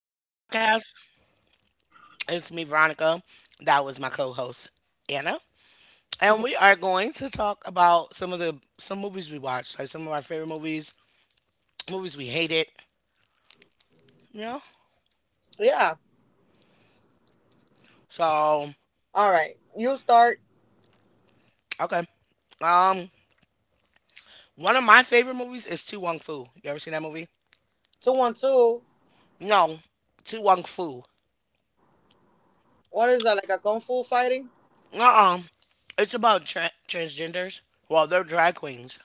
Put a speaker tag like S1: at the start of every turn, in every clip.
S1: to my
S2: Hello.
S1: podcast. It's me, Veronica. That was my co-host, Anna. And we are going to talk about some of the some movies we watched, like some of our favorite movies, movies we hated, you know?
S2: Yeah.
S1: So,
S2: All right. You start
S1: okay. Um, one of my favorite movies is Tu Wong Fu. You ever seen that movie?
S2: two one two.
S1: No. Tu Wong Fu.
S2: What is that? Like a kung fu fighting?
S1: Uh-uh. It's about transgenders. Well, they're drag queens.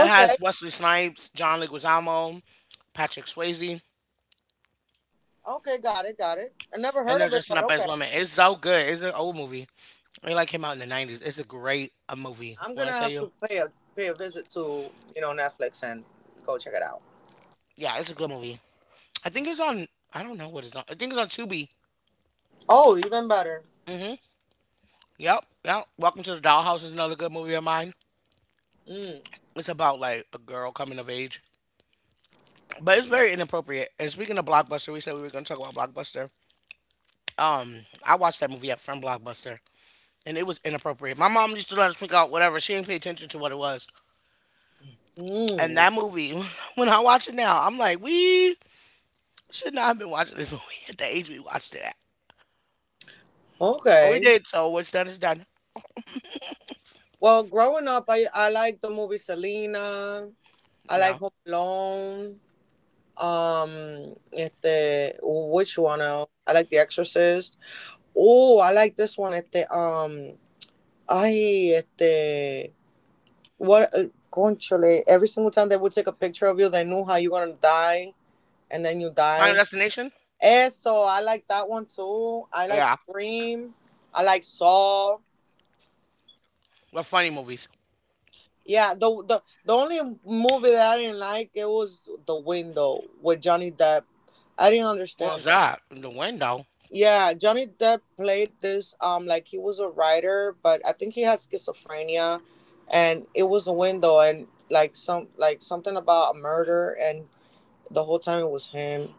S1: It has Wesley Snipes, John Leguizamo, Patrick Swayze.
S2: Okay. Got it. Got it. I never
S1: And
S2: heard
S1: they're
S2: of it,
S1: dressing
S2: but
S1: up as
S2: okay.
S1: women. It's so good. It's an old movie. It like came out in the 90s. It's a great a movie.
S2: I'm
S1: When I
S2: gonna
S1: tell
S2: have
S1: you,
S2: to pay a visit to you know Netflix and go check it out.
S1: yeah, it's a good movie. I think it's on. I don't know what it's on. I think it's on Tubi.
S2: Oh, even better.
S1: Hmm Yep. Yep. Welcome to the Dollhouse is another good movie of mine.
S2: Mm.
S1: It's about like a girl coming of age, but it's very inappropriate. And speaking of Blockbuster, we said we were going to talk about Blockbuster. I watched that movie at from Blockbuster, and it was inappropriate. My mom used to let us pick out whatever. She didn't pay attention to what it was. And
S2: Mm.
S1: that movie, when I watch it now, I'm like, we should not have been watching this movie at the age we watched it at. But we
S2: Okay.
S1: did, so what's done is done.
S2: Well, growing up, I like the movie Selena. I like
S1: Yeah.
S2: Home Alone. Este, which one else? I like The Exorcist. Oh, I like this one. Este, I este what conchole, every single time they would take a picture of you, they knew how you were gonna die, and then you
S1: Final
S2: die.
S1: Destination?
S2: Eso, I like that one too. I like
S1: Yeah.
S2: Scream. I like Saw.
S1: What funny movies?
S2: Yeah, the only movie that I didn't like it was The Window with Johnny Depp. I didn't
S1: What
S2: understand.
S1: was that? In the window?
S2: Yeah, Johnny Depp played this like he was a writer, but I think he has schizophrenia, and it was the window and like some like something about a murder, and the whole time it was him.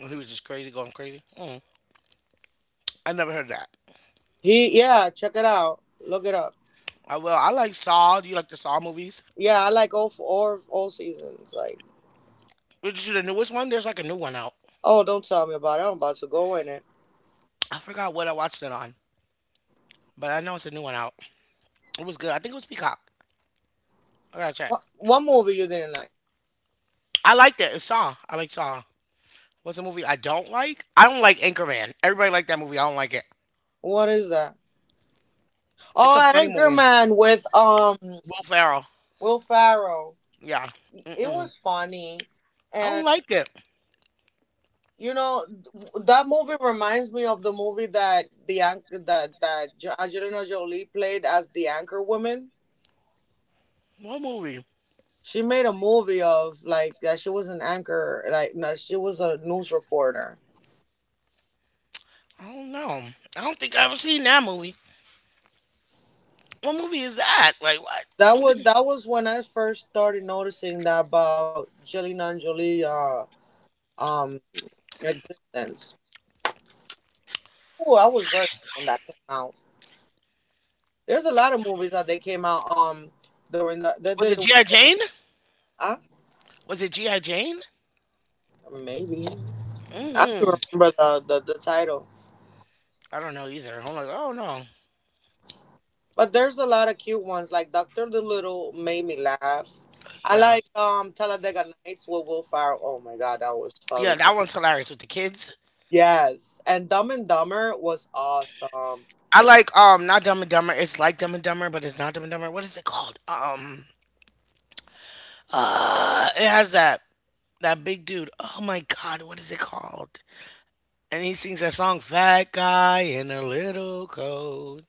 S1: And he was just crazy, going crazy. Mm. I never heard that.
S2: He Yeah, check it out. Look it up.
S1: I will. I like Saw. Do you like the Saw movies?
S2: Yeah, I like all seasons. Like,
S1: Did you see the newest one? There's like a new one out.
S2: oh, don't tell me about it. I'm about to go in it.
S1: I forgot what I watched it on, but I know it's a new one out. It was good. I think it was Peacock. I gotta check.
S2: What movie you didn't like?
S1: I liked it. It's Saw. I like Saw. What's a movie I don't like? I don't like Anchorman. Everybody liked that movie. I don't like it.
S2: What is that?
S1: It's a
S2: Oh,
S1: funny movie.
S2: Anchorman with
S1: Will Ferrell.
S2: Will Farrell.
S1: Yeah.
S2: It
S1: Mm-mm.
S2: was funny,
S1: I don't
S2: and.
S1: like it.
S2: You know, that movie reminds me of the movie that that Angelina Jolie played as the anchor woman.
S1: What movie?
S2: She made a movie of like that she was an anchor, like no, she was a news reporter.
S1: I don't know. I don't think I ever seen that movie. What movie is that? Like what? I'm thinking.
S2: That was when I first started noticing that about Angelina Jolie um existence. Oh, I was very young when that came out. There's a lot of movies that they came out during the that
S1: Was
S2: that it
S1: it
S2: was
S1: G.I. Jane?
S2: uh,
S1: Was it G.I. Jane?
S2: maybe. I
S1: Mm-hmm.
S2: don't remember the title.
S1: I don't know either. I'm like, oh no.
S2: But there's a lot of cute ones. Like Doctor Dolittle made me laugh. I
S1: Yeah.
S2: like Talladega Nights with Will Ferrell. Oh my god, that was
S1: Yeah,
S2: fun.
S1: that one's hilarious with the kids.
S2: Yes, and Dumb and Dumber was awesome.
S1: I like not Dumb and Dumber. It's like Dumb and Dumber, but it's not Dumb and Dumber. What is it called? It has that big dude. Oh my god, what is it called? And he sings that song Fat Guy in a Little Coat.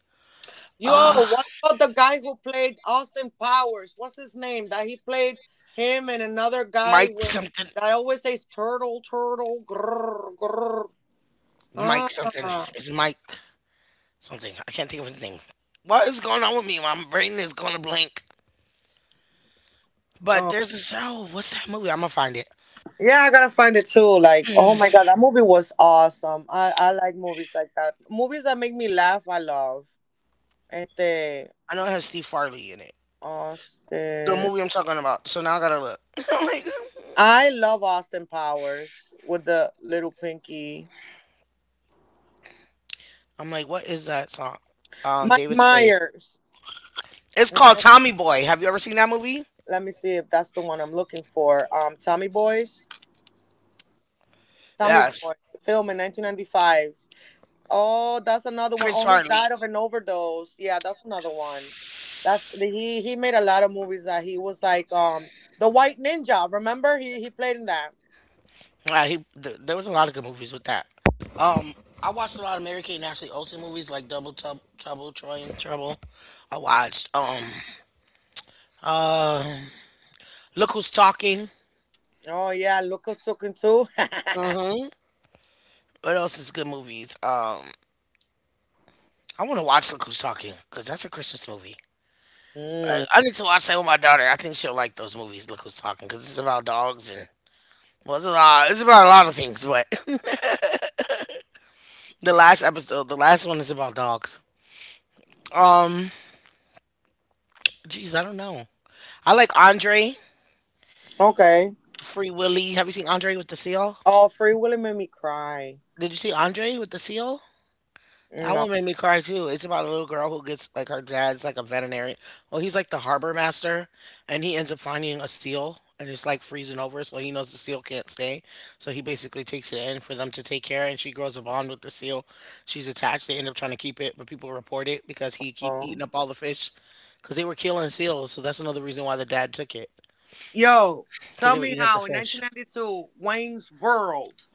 S2: Yo,
S1: Ah,
S2: what about the guy who played Austin Powers? What's his name? That he played him and another guy
S1: Mike
S2: with
S1: something.
S2: that always says turtle, turtle, grrr, grrr.
S1: Mike
S2: Ah,
S1: something. It's Mike something. I can't think of his name. What is going on with me? My brain is going to blink. But there's a show. What's that movie? I'm going to find it.
S2: yeah, I gotta find it too. Like, oh my god, that movie was awesome. I like movies like that. Movies that make me laugh, I love. Este
S1: I know it has Steve Farley in it. The
S2: Austin.
S1: movie I'm talking about. So now I got to look. I'm like,
S2: I love Austin Powers with the little pinky.
S1: I'm like, what is that song?
S2: Mike
S1: David Spade.
S2: Myers.
S1: It's called Tommy Boy. Have you ever seen that movie?
S2: Let me see if that's the one I'm looking for. Tommy Boys. Tommy
S1: Yes.
S2: Boy. Film in 1995. Oh, that's another one.
S1: Chris
S2: Oh, he
S1: Farley.
S2: died of an overdose. Yeah, that's another one. That he made a lot of movies that he was like the White Ninja. Remember he played in that.
S1: Yeah, there was a lot of good movies with that. Um, I watched a lot of Mary Kate and Ashley Olsen movies like Trouble, Troy and Trouble. I watched uh Look Who's Talking.
S2: Oh yeah, Lucas took him too.
S1: Hmm What else is good movies? I want to watch Look Who's Talking because that's a Christmas movie.
S2: Mm,
S1: I need to watch that with my daughter. I think she'll like those movies. Look Who's Talking because it's about dogs and well, it's a lot. It's about a lot of things, but the last episode, the last one is about dogs. Um, geez, I don't know. I like Andre.
S2: okay.
S1: Free Willy. Have you seen Andre with the seal?
S2: Oh, Free Willy made me cry.
S1: Did you see Andre with the seal? That
S2: No.
S1: one made me cry too. It's about a little girl who gets like her dad's like a veterinary. Well, he's like the harbor master, and he ends up finding a seal, and it's like freezing over, so he knows the seal can't stay. So he basically takes it in for them to take care, and she grows a bond with the seal. She's attached. They end up trying to keep it, but people report it because he keep eating up all the fish, because they were killing seals. So that's another reason why the dad took it,
S2: Yo,
S1: because
S2: tell
S1: they were
S2: me
S1: eating up the
S2: how in
S1: fish.
S2: 1992 Wayne's World.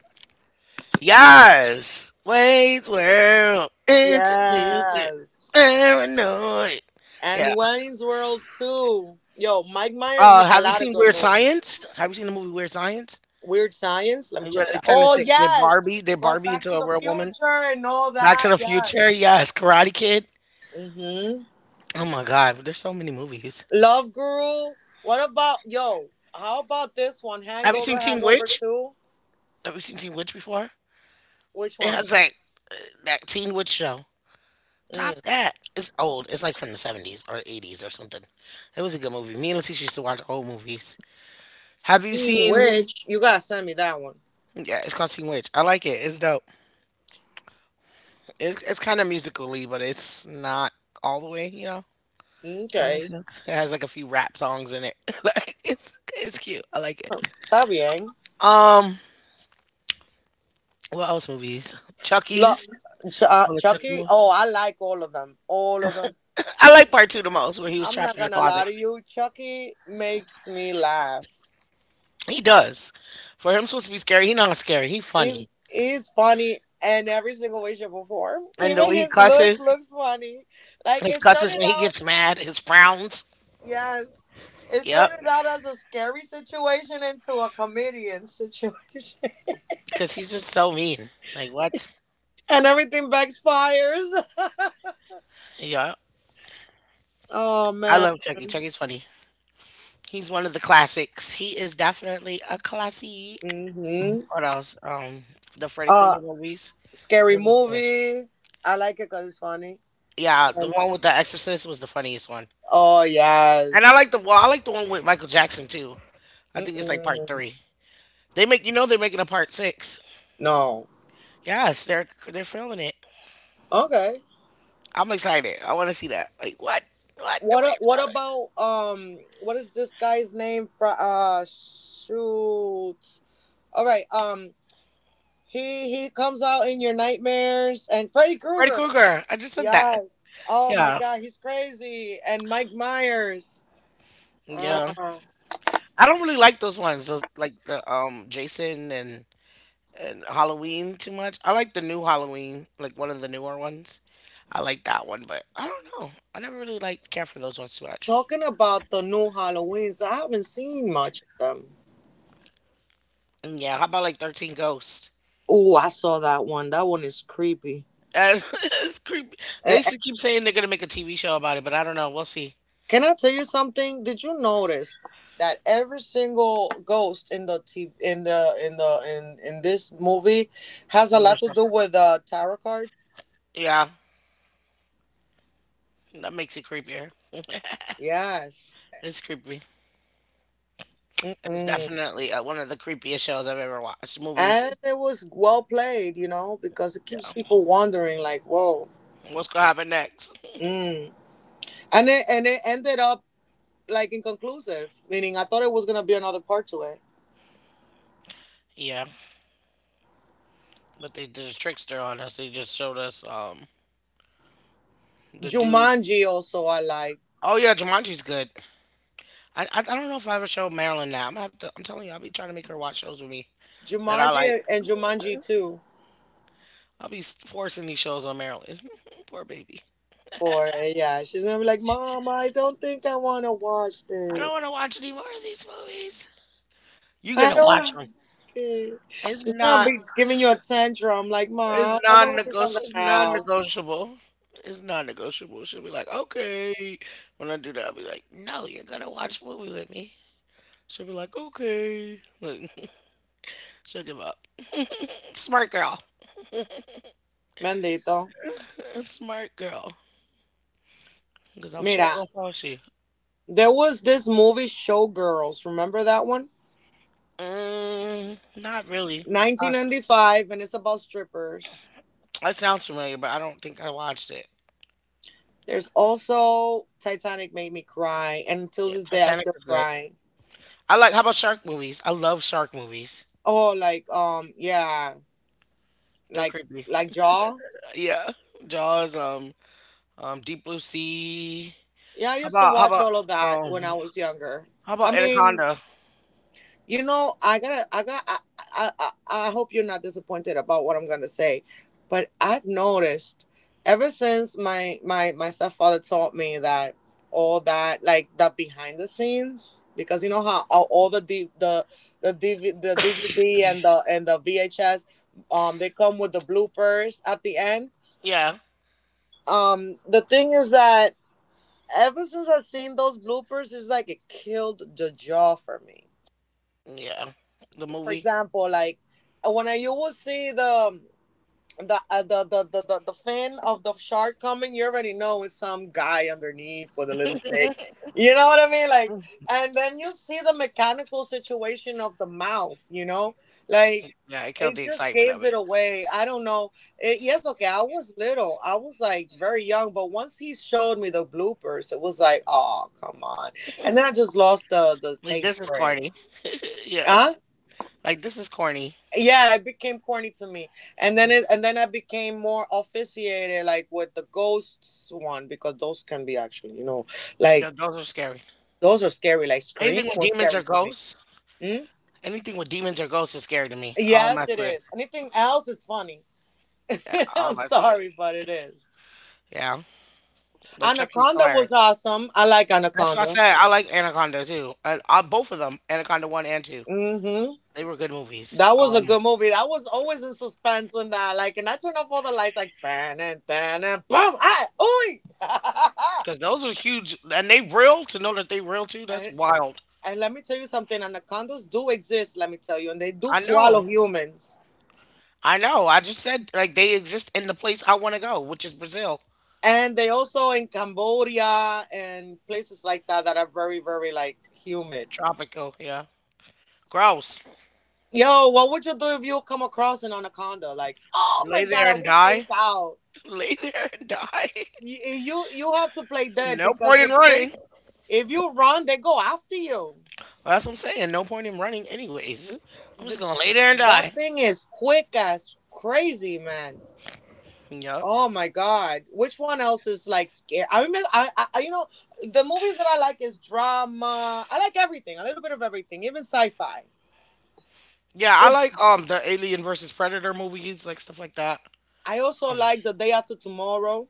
S1: Yes, Wade's World introducing
S2: Yes.
S1: paranoid. Yeah.
S2: And Wayne's World too. Yo, Mike Myers made a
S1: Have you
S2: lot of
S1: seen
S2: good
S1: Weird
S2: movies.
S1: Science? Have you seen the movie Weird Science?
S2: Weird Science. Let me
S1: And where
S2: check it
S1: they
S2: out.
S1: turn
S2: Oh
S1: into
S2: yes,
S1: They
S2: but
S1: Barbie
S2: Back
S1: into
S2: to
S1: a
S2: the
S1: real woman.
S2: Future and all
S1: Back to
S2: that.
S1: the
S2: Yes.
S1: Future. Yes, Karate Kid.
S2: Mm-hmm.
S1: Oh my God, there's so many movies.
S2: Love Guru. What about yo? How about this one?
S1: Have you seen
S2: Hangover,
S1: Teen
S2: Hangover
S1: Witch?
S2: Two.
S1: Have you seen Teen Witch before?
S2: Which
S1: It
S2: one?
S1: has like uh, that Teen Witch show.
S2: Mm.
S1: Top that. It's old. It's like from the 70s or 80s or something. It was a good movie. Me and Leticia used to watch old movies. Have you
S2: Teen
S1: seen?
S2: Witch. You gotta send me that one.
S1: Yeah, it's called Teen Witch. I like it. It's dope. It's kind of musically, but it's not all the way. You know, that makes
S2: Okay.
S1: sense. It has like a few rap songs in it. Like it's cute. I like it.
S2: Está bien.
S1: Um, what else movies?
S2: Lo-
S1: Chucky's. Oh, the Chucky
S2: Chucky.
S1: movie.
S2: Oh, I like all of them. All of them.
S1: I like part two the most, where he was
S2: I'm not
S1: trapped in the
S2: gonna lie
S1: closet.
S2: to you. Chucky makes me laugh.
S1: He does. For him supposed to be scary, he not scary. He funny.
S2: He's funny in every single way, shape, or form.
S1: And the
S2: Even
S1: way he
S2: his look
S1: cusses,
S2: looks funny. Like
S1: his
S2: it
S1: cusses
S2: started
S1: when he
S2: out,
S1: gets mad, his frowns.
S2: yes, it
S1: Yep.
S2: started out as a scary situation into a comedian situation,
S1: Because he's just so mean. Like, what?
S2: and everything backfires.
S1: Yeah.
S2: Oh
S1: I
S2: man.
S1: love Chucky. Chucky's funny. He's one of the classics. He is definitely a classic.
S2: Hmm.
S1: What else? The Freddy
S2: Uh,
S1: Krueger movies.
S2: scary
S1: Those was good.
S2: movie. I like it because it's funny.
S1: Yeah, the
S2: And
S1: one with the Exorcist was the funniest one.
S2: oh
S1: And I
S2: yes.
S1: like the I like the one with Michael Jackson too. I think it's like part
S2: Mm-mm.
S1: three. They make you know they're making a part six.
S2: No.
S1: Yes, they're filming it.
S2: Okay.
S1: I'm excited. I want to see that. Like what? What the way
S2: What
S1: brothers?
S2: about what is this guy's name from shoot. All right, um, he comes out in your nightmares, and Freddy
S1: Freddy
S2: Krueger.
S1: Krueger. I just said that.
S2: Yes. Oh my
S1: Yeah,
S2: god, he's crazy, and Mike Myers.
S1: yeah.
S2: Ah.
S1: I don't really like those ones. Those like the Jason and Halloween too much. I like the new Halloween, like one of the newer ones. I like that one, but I don't know. I never really liked care for those ones too much.
S2: Talking about the new Halloweens, I haven't seen much of them.
S1: And yeah, how about like Thirteen Ghosts?
S2: Oh, I saw that one. That one is creepy.
S1: As it's creepy. They used
S2: A-
S1: to keep saying they're gonna make a TV show about it, but I don't know. We'll see.
S2: Can I tell you something? Did you notice that every single ghost in this movie has a lot to do with the tarot card?
S1: Yeah, that makes it creepier.
S2: Yes.
S1: It's creepy. It's
S2: Mm-mm.
S1: definitely one of the creepiest shows I've ever watched. Movies.
S2: And it was well played, you know, because it
S1: Yeah.
S2: keeps people wondering, like, whoa.
S1: What's gonna happen next?
S2: Mm. And it ended up like inconclusive, meaning I thought it was gonna be another part to it.
S1: Yeah, but they did a trickster on us. They just showed us the dude.
S2: Jumanji also I like.
S1: Oh yeah, Jumanji's good. I don't know if I ever showed Marilyn now. I'm gonna have to. I'm telling you, I'll be trying to make her watch shows with me that I
S2: Jumanji
S1: like.
S2: and Jumanji too.
S1: I'll be forcing these shows on Marilyn. Poor baby.
S2: Or it. Yeah, she's gonna be like, Mom, I don't think I want to watch
S1: I
S2: this.
S1: don't want to watch any more of these movies. You
S2: I
S1: gonna watch them.
S2: don't. Okay.
S1: It's
S2: She's gonna
S1: not.
S2: be giving you a tantrum like,
S1: It's
S2: Mom, I want to see
S1: non-negotiable.
S2: something
S1: It's
S2: else.
S1: non-negotiable. It's non-negotiable. She'll be like, okay. When I do that, I'll be like, no, you're gonna watch a movie with me. She'll be like, okay. Like, she'll give up. Smart girl.
S2: Bendito.
S1: Smart girl. Because I'm sure
S2: Mira,
S1: gonna fall.
S2: there was this movie, Showgirls. Remember that one?
S1: Mm, not really. Uh,
S2: 1995, and it's about strippers.
S1: That sounds familiar, but I don't think I watched it.
S2: There's also Titanic made me cry, and until
S1: Yeah,
S2: this day, I
S1: Titanic
S2: still
S1: is good.
S2: cry.
S1: I like how about shark movies? I love shark movies.
S2: Oh, like yeah,
S1: They're
S2: like
S1: creepy.
S2: like Jaw.
S1: Yeah, Jaws. Deep Blue Sea.
S2: Yeah, I
S1: how
S2: used to
S1: about how
S2: watch
S1: about
S2: all of that when
S1: um
S2: I was younger.
S1: how
S2: I
S1: about
S2: mean,
S1: Anaconda?
S2: you know, I gotta, I got, I, I I hope you're not disappointed about what I'm gonna say, but I've noticed ever since my stepfather taught me that all that like the behind the scenes, because you know how all all the D, the the DV, the DVD and the VHS they come with the bloopers at the end.
S1: Yeah,
S2: The thing is that ever since I've seen those bloopers, it's like it killed the jaw for me.
S1: yeah. The
S2: For
S1: movie.
S2: example, like when I you will see the fin of the shark coming, you already know it's some guy underneath with a little stick. You know what I mean? Like, and then you see the mechanical situation of the mouth. You know, like
S1: Yeah, it killed
S2: it
S1: the
S2: just
S1: excitement of
S2: gives
S1: it.
S2: it away. I don't know. It, yes, okay. I was little. I was like very young, but once he showed me the bloopers, it was like, oh come on. And then I just lost the
S1: Like
S2: taste
S1: this is
S2: for it.
S1: corny. Yeah,
S2: Huh?
S1: like this is corny.
S2: Yeah, it became corny to me, and then I became more officiated, like with the ghosts one, because those can be actually, you know, like
S1: Yeah, those are scary.
S2: those are scary, like Scream
S1: Anything with
S2: was
S1: demons or
S2: scary for me.
S1: ghosts.
S2: Mm?
S1: Anything with demons or ghosts is scary to me. I don't
S2: Yes,
S1: mess
S2: it
S1: with it.
S2: is. Anything else is funny.
S1: Yeah,
S2: I'm
S1: oh, that's weird.
S2: sorry, but it is.
S1: Yeah, like Chucky's
S2: Anaconda was
S1: hilarious.
S2: awesome. I like
S1: That's what I
S2: Anaconda.
S1: said. I like Anaconda too. I both of them, Anaconda one and two.
S2: Mm-hmm.
S1: They were good movies.
S2: That was a good movie. I was always in suspense on that. Like, and I turned off all the lights, like, bam, and bam, and boom, ah, ooh.
S1: Because those are huge, and they real. To know that they real too, that's
S2: and,
S1: wild.
S2: And let me tell you something, anacondas do exist, let me tell you, and they do
S1: I
S2: swallow
S1: know.
S2: humans.
S1: I know. I just said like they exist in the place I want to go, which is Brazil.
S2: And they also in Cambodia and places like that that are very, very like humid.
S1: Tropical. Yeah. Gross.
S2: Yo, what would you do if you come across an anaconda? Like, oh my
S1: Lay
S2: god,
S1: there
S2: I
S1: and
S2: will freak
S1: die.
S2: out.
S1: Lay there and die.
S2: You have to play dead,
S1: No
S2: because
S1: point in
S2: if they
S1: running.
S2: if you run, they go after you.
S1: That's what I'm saying. No point in running, anyways. I'm
S2: Th-
S1: just gonna lay there and die.
S2: that thing is quick as crazy, man.
S1: Yup.
S2: Oh my God! Which one else is like scary? I remember, you know, the movies that I like is drama. I like everything, a little bit of everything, even sci-fi.
S1: Yeah, I
S2: Yep.
S1: like the Alien versus Predator movies, like stuff like that.
S2: I also like The Day After Tomorrow.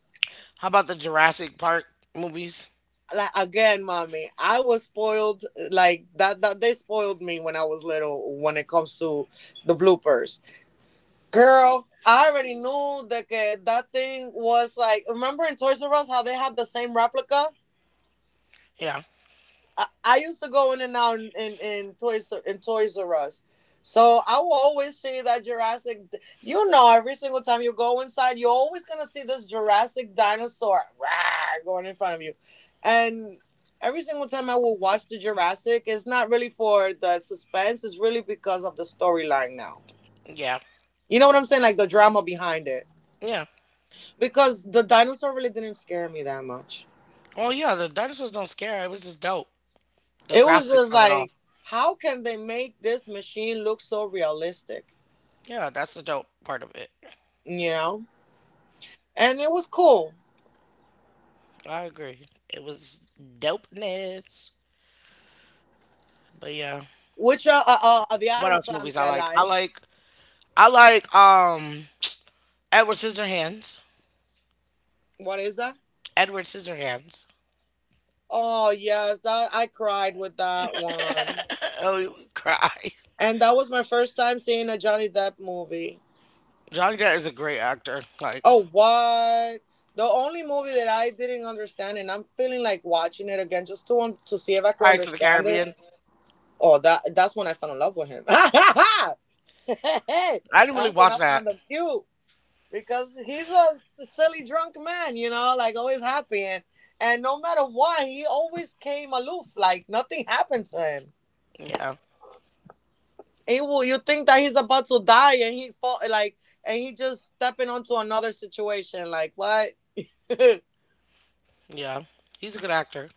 S1: How about the Jurassic Park movies?
S2: Like again, mommy, I was spoiled. Like that they spoiled me when I was little. When it comes to the bloopers, girl, I already knew that que that thing was like. Remember in Toys R Us how they had the same replica?
S1: Yeah,
S2: I used to go in and out in Toys R Us. So I will always see that Jurassic. You know, every single time you go inside, you're always gonna see this Jurassic dinosaur rah, going in front of you, and every single time I will watch the Jurassic, it's not really for the suspense. It's really because of the storyline now.
S1: yeah,
S2: You know what I'm saying? Like the drama behind it,
S1: yeah.
S2: because the dinosaur really didn't scare me that much.
S1: Well, yeah, the dinosaurs don't scare. It was just dope. The
S2: It was just
S1: graphics of it all.
S2: like, how can they make this machine look so realistic?
S1: Yeah, that's the dope part of it.
S2: You know? And it was cool.
S1: I agree. It was dopeness. But yeah,
S2: Which the
S1: what
S2: Adams
S1: else movies
S2: family
S1: I
S2: I
S1: like? I
S2: like.
S1: like I like um Edward Scissorhands.
S2: What is that?
S1: Edward Scissorhands.
S2: Oh yes, that I cried with that one.
S1: Oh, you would cry.
S2: And that was my first time seeing a Johnny Depp movie.
S1: Johnny Depp is a great actor. Like
S2: Oh what? The only movie that I didn't understand, and I'm feeling like watching it again just to see if I could
S1: Pirates of the
S2: understand it.
S1: Caribbean.
S2: Oh, that that's when I fell in love with him.
S1: I didn't really
S2: That's when
S1: watch
S2: I
S1: that.
S2: found him cute. Because he's a silly drunk man, you know, like always happy, and no matter what, he always came aloof, like nothing happened to him.
S1: Yeah,
S2: He will, you think that he's about to die and he fall like and he just stepping onto another situation, like what?
S1: yeah. He's a good actor.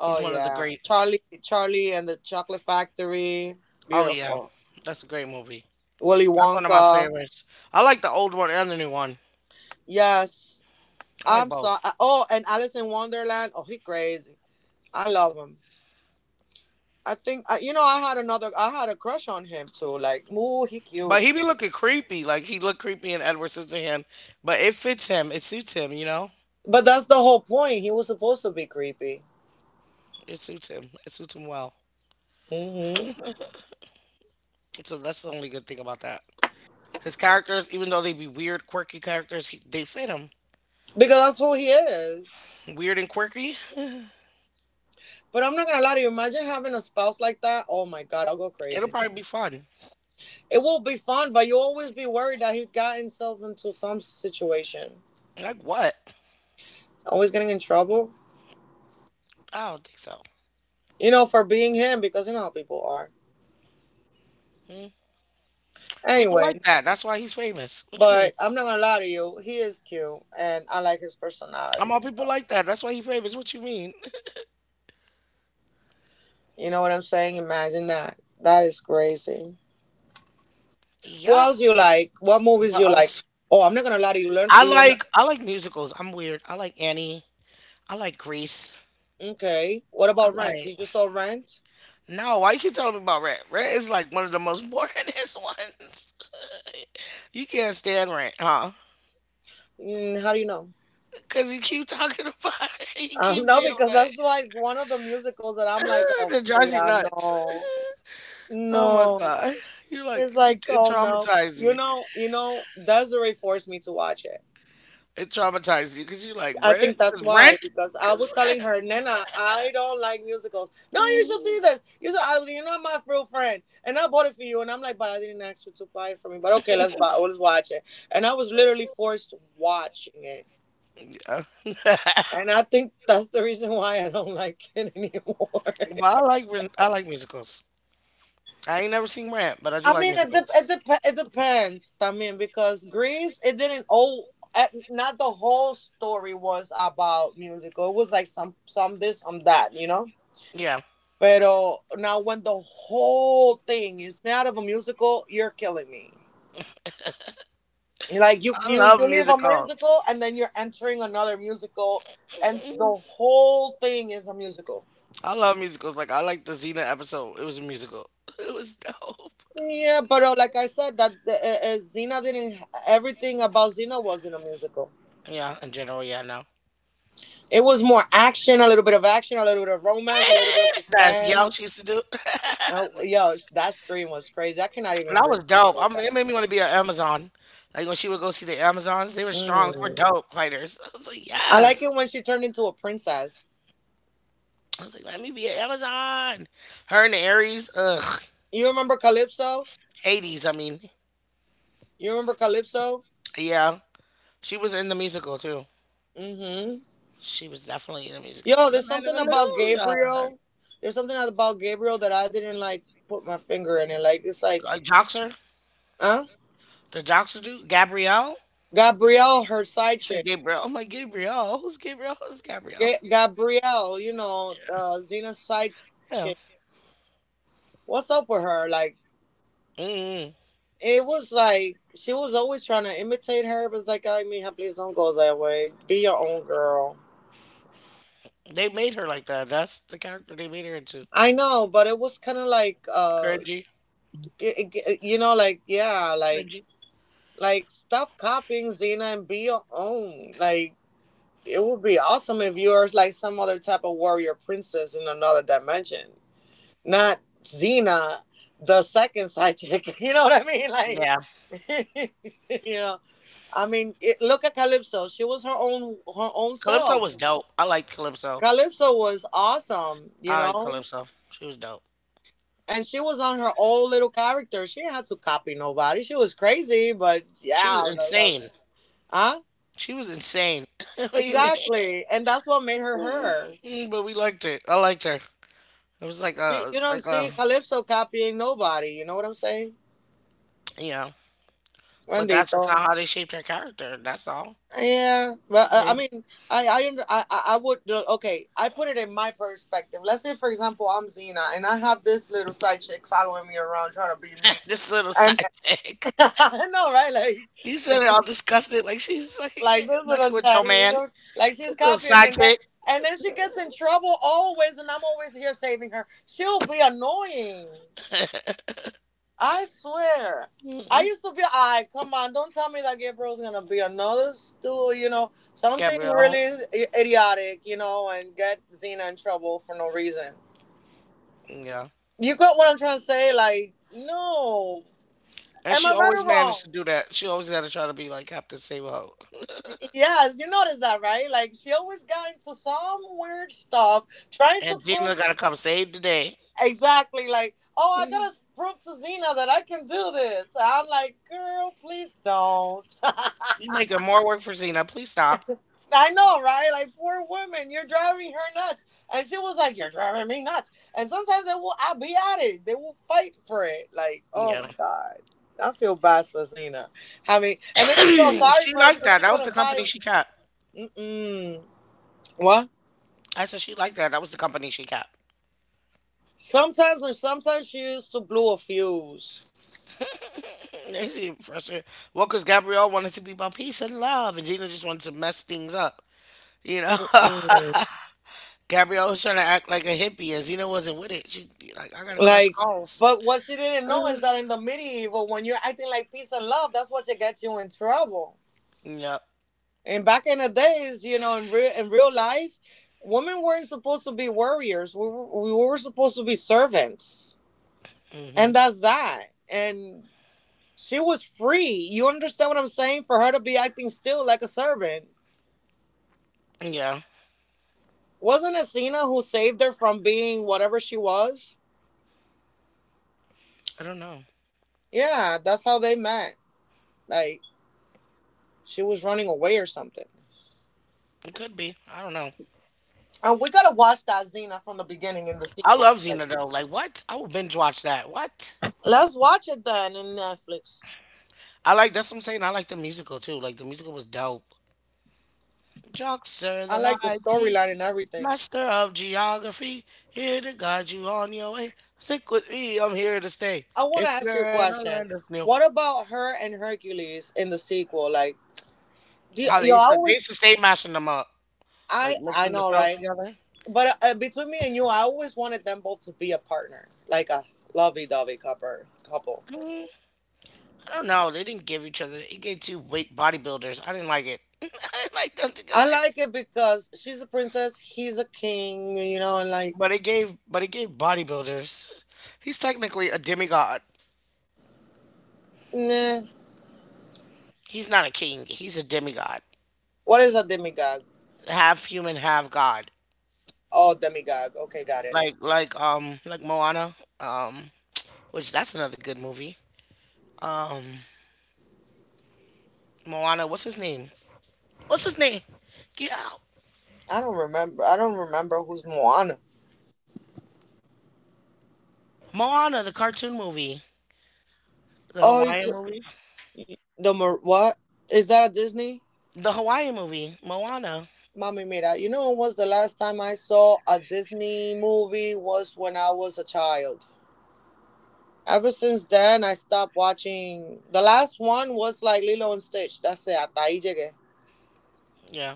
S1: He's one of the
S2: yeah,
S1: greats.
S2: Charlie and the Chocolate Factory,
S1: Oh yeah,
S2: beautiful.
S1: that's a great movie.
S2: Willy
S1: That's one of my
S2: Wonka,
S1: favorites. I like the old one and the new one.
S2: yes.
S1: I like
S2: I'm
S1: both.
S2: sorry. Oh, and Alice in Wonderland. Oh, he crazy. I love him. I think I- you know I had a crush on him too. Like, ooh, he
S1: But
S2: cute.
S1: he be looking creepy. Like he looked creepy in Edward Scissorhands. But it fits him. It suits him. You know,
S2: But that's the whole point. He was supposed to be creepy.
S1: it suits him. It suits him well.
S2: Hmm.
S1: So that's the only good thing about that. His characters, even though they be weird, quirky characters, they fit him.
S2: Because that's who he is.
S1: Weird and quirky.
S2: But I'm not gonna lie to you. Imagine having a spouse like that. Oh my god, I'll go
S1: It'll
S2: crazy.
S1: probably be fun.
S2: It will be fun, but you'll always be worried that he got himself into some situation.
S1: Like what?
S2: Always getting in trouble.
S1: I don't think so.
S2: You know, for being him, because you know how people are.
S1: People like
S2: Anyway,
S1: that. That's why he's famous. What you mean?
S2: but I'm not gonna lie to you. He is cute, and I like his
S1: I'm
S2: personality.
S1: all people
S2: So.
S1: like that. That's why he favors. What you mean?
S2: You know what I'm saying? Imagine that. That is crazy. Who
S1: Yup.
S2: else you like? What movies
S1: But
S2: you
S1: I
S2: like?
S1: was,
S2: Oh, I'm not gonna lie to you. Learn,
S1: I
S2: learn.
S1: like I like musicals. I'm weird. I like Annie. I like Grease.
S2: Okay. What
S1: I
S2: about Rent?
S1: like
S2: Did you saw Rent?
S1: no. Why you keep telling me about Rent? Rent is like one of the most boringest ones. You can't stand Rent, huh?
S2: Mm, how do you know?
S1: Because you keep talking about it. You keep
S2: No,
S1: being
S2: because that's
S1: like
S2: like one of the musicals that I'm
S1: "Ugh,"
S2: like, oh,
S1: that drives you
S2: Freya,
S1: nuts.
S2: no,
S1: Oh my
S2: no.
S1: god.
S2: It's like,
S1: It
S2: oh no.
S1: traumatized you.
S2: Desiree forced me to watch it.
S1: It traumatized you because you like
S2: I
S1: Rent.
S2: think that's
S1: Because
S2: why
S1: Rent.
S2: because I
S1: Because
S2: was telling her, Nana, I don't like musicals. No, you should see
S1: Rent.
S2: this. You said, "Ah, you're not my real friend, and I bought it for you." And I'm like, but I didn't ask you to buy it for me. But okay, let's buy. Let's watch it. And I was literally forced watching it.
S1: But
S2: And I think that's the reason why I don't like it anymore.
S1: I like musicals. I ain't never seen rap, but I do
S2: I
S1: like
S2: mean, it dep
S1: musicals.
S2: it, dep- it depends. I mean, because Greece, it didn't all. Not the whole story was about musical. It was like some this, some that.
S1: Yeah,
S2: Pero now when the whole thing is made out of a musical, you're killing me. Like you
S1: I
S2: you
S1: love
S2: you leave a
S1: musicals.
S2: musical and then you're entering another musical and the whole thing is a musical.
S1: I love musicals. Like I like the Xena episode. It was a musical. It was dope.
S2: Yeah, but like I said, that Xena didn't. Everything about Xena wasn't a musical.
S1: Yeah, in general, yeah, no.
S2: It was more action, a little bit of action, a little bit of romance, a little bit of
S1: That's
S2: suspense.
S1: y'all she used to do.
S2: Oh, yo, that scream was crazy. I cannot even
S1: That was dope. I
S2: repeat
S1: mean, it
S2: that.
S1: made me want to be an Amazon. Like when she would go see the Amazons, they were strong. They were
S2: Mm.
S1: dope fighters. I was like,
S2: I like
S1: yes.
S2: it when she turned into a princess.
S1: I was like, let me be an Amazon. Her and the Aries, ugh,
S2: You remember Calypso?
S1: Hades. I mean,
S2: You remember Calypso?
S1: yeah. She was in the musical too.
S2: Mm-hmm.
S1: She was definitely in the musical.
S2: Yo,
S1: The
S2: there's
S1: Land of
S2: something about
S1: Illusion.
S2: Gabriel. There's something about Gabriel that I didn't like put my finger in it. Like it's like,
S1: Like Joxer,
S2: huh?
S1: the Joxer dude, Gabrielle.
S2: Gabrielle, her side
S1: You said
S2: chick.
S1: Gabrielle. I'm like Gabrielle. Who's Gabrielle? Who's Gabrielle?
S2: Gabrielle, Xena's side
S1: Yeah.
S2: chick. What's up with her? Like
S1: Mm.
S2: it was like she was always trying to imitate her, but it's like, I mean, please don't go that way. Be your own girl.
S1: They made her like that. That's the character they made her into.
S2: I know, but it was kind of like,
S1: Cringy,
S2: like yeah, like.
S1: cringy.
S2: Like, stop copying Xena and be your own. Like, it would be awesome if you were like some other type of warrior princess in another dimension, not Xena, the second side chick. You know what I mean? Like,
S1: Yeah.
S2: you know, I mean, it, look at Calypso. She was her own
S1: Calypso
S2: self.
S1: was dope. I liked Calypso.
S2: Calypso was awesome. You
S1: I liked
S2: know.
S1: Calypso. She was dope.
S2: And she was on her own little character. She didn't have to copy nobody. She was crazy, but
S1: She was
S2: yeah, I love it.
S1: insane.
S2: Huh?
S1: She was insane. What do you
S2: Exactly. And that's what made her her.
S1: mean? But we liked it. I liked her. It was like
S2: You,
S1: a
S2: you don't
S1: like a
S2: see Calypso copying nobody. You know what I'm saying?
S1: yeah. But that's just
S2: Bendito.
S1: not how they shaped her character. That's all.
S2: Yeah. But
S1: They,
S2: I mean, I would, okay, I put it in my perspective. Let's say, for example, I'm Xena and I have this little side chick following me around trying to be me.
S1: this little
S2: And
S1: side chick.
S2: I know, right?
S1: You said it
S2: Like,
S1: all disgusted, like she's like
S2: like this little
S1: messing with your
S2: child,
S1: man.
S2: like she's
S1: This little
S2: copying me,
S1: side chick.
S2: and then she gets in trouble always, and I'm always here saving her. She'll be annoying. I swear. I
S1: Mm-mm.
S2: used to be, I come on, don't tell me that Gabriel's gonna be another stool, something
S1: Gabrielle.
S2: really idiotic, and get Xena in trouble for no reason.
S1: Yeah.
S2: You got what I'm trying to say? Like, no.
S1: And
S2: Am
S1: she
S2: I right
S1: always
S2: or wrong?
S1: managed to do that. She always got to try to be like Captain Save a Ho.
S2: Yes, you noticed that, right? Like, she always got into some weird stuff, trying to
S1: And Gina
S2: prove
S1: got
S2: to,
S1: to come save the day.
S2: exactly, like, oh, I
S1: Mm.
S2: gotta prove to Xena that I can do this. I'm like, girl, please don't.
S1: You making more work for Xena. Please stop.
S2: I know, right? Like poor woman, you're driving her nuts, and she was like, "You're driving me nuts." And sometimes they will, I'll be at it. They will fight for it. Like, oh
S1: Yeah.
S2: my god, I feel bad for Zena. I mean, and then she felt sorry
S1: She
S2: for her
S1: liked
S2: because
S1: that.
S2: she
S1: That was the
S2: couldn't
S1: company
S2: fight.
S1: she kept.
S2: Mm-mm. What?
S1: I said she liked that. That was the company she kept.
S2: Sometimes, and sometimes she used to blow a fuse.
S1: They seem frustrated. Well, because Gabrielle wanted to be about peace and love, and Gina just wanted to mess things up. You know,
S2: Mm.
S1: Gabrielle was trying to act like a hippie, and Zena wasn't with it. She like, I gotta crush
S2: Like,
S1: skulls.
S2: but what she didn't know is that in the medieval, when you're acting like peace and love, that's what should get you in trouble.
S1: Yep.
S2: And back in the days, in real life, women weren't supposed to be warriors. We were supposed to be servants,
S1: Hmm.
S2: and that's that. And she was free. You understand what I'm saying? For her to be acting still like a servant,
S1: Yeah.
S2: wasn't it Cena who saved her from being whatever she was?
S1: I don't know.
S2: Yeah, that's how they met. Like she was running away or something.
S1: It could be. I don't know.
S2: And we gotta watch that Xena from the beginning in the
S1: I
S2: sequel.
S1: love
S2: Like,
S1: Xena though. Like what? I will binge watch that. What?
S2: let's watch it then in Netflix.
S1: I like that's what I'm saying. I like the musical too. Like the musical was dope. Joxer
S2: I
S1: the
S2: like the
S1: mighty.
S2: storyline and everything.
S1: Master of geography, here to guide you on your way. Stick with me, I'm here to stay.
S2: I want
S1: If
S2: to ask you a
S1: you're an
S2: question.
S1: learn this new.
S2: What about her and Hercules in the sequel? Like, do you,
S1: How
S2: yo, I
S1: they used to
S2: always,
S1: stay mashing them up, like
S2: I
S1: mixing the
S2: know,
S1: shows
S2: right?
S1: together.
S2: But between me and you, I always wanted them both to be a partner, like a lovey-dovey couple. Couple.
S1: Mm, I don't know. They didn't give each other. It gave two weight bodybuilders. I didn't like it. I didn't like them
S2: I
S1: together.
S2: like it because she's a princess, he's a king. You know, and like,
S1: But it gave bodybuilders. He's technically a demigod.
S2: nah.
S1: He's not a king. He's a demigod.
S2: What is a demigod?
S1: Half human, half god.
S2: Oh, demigod. Okay, got it.
S1: Like Moana. Um, which that's another good movie. um Moana, what's his name? What's his name? Get out.
S2: I don't remember. I don't remember who's Moana.
S1: Moana, the cartoon movie. The
S2: Oh, it's
S1: Hawaiian movie.
S2: what? Is that a Disney?
S1: The Hawaiian movie. Moana.
S2: Mommy Mira, you know was the last time I saw a Disney movie was when I was a child. Ever since then, I stopped watching. The last one was like Lilo and Stitch. That's it. Hasta ahí llegué.
S1: Yeah.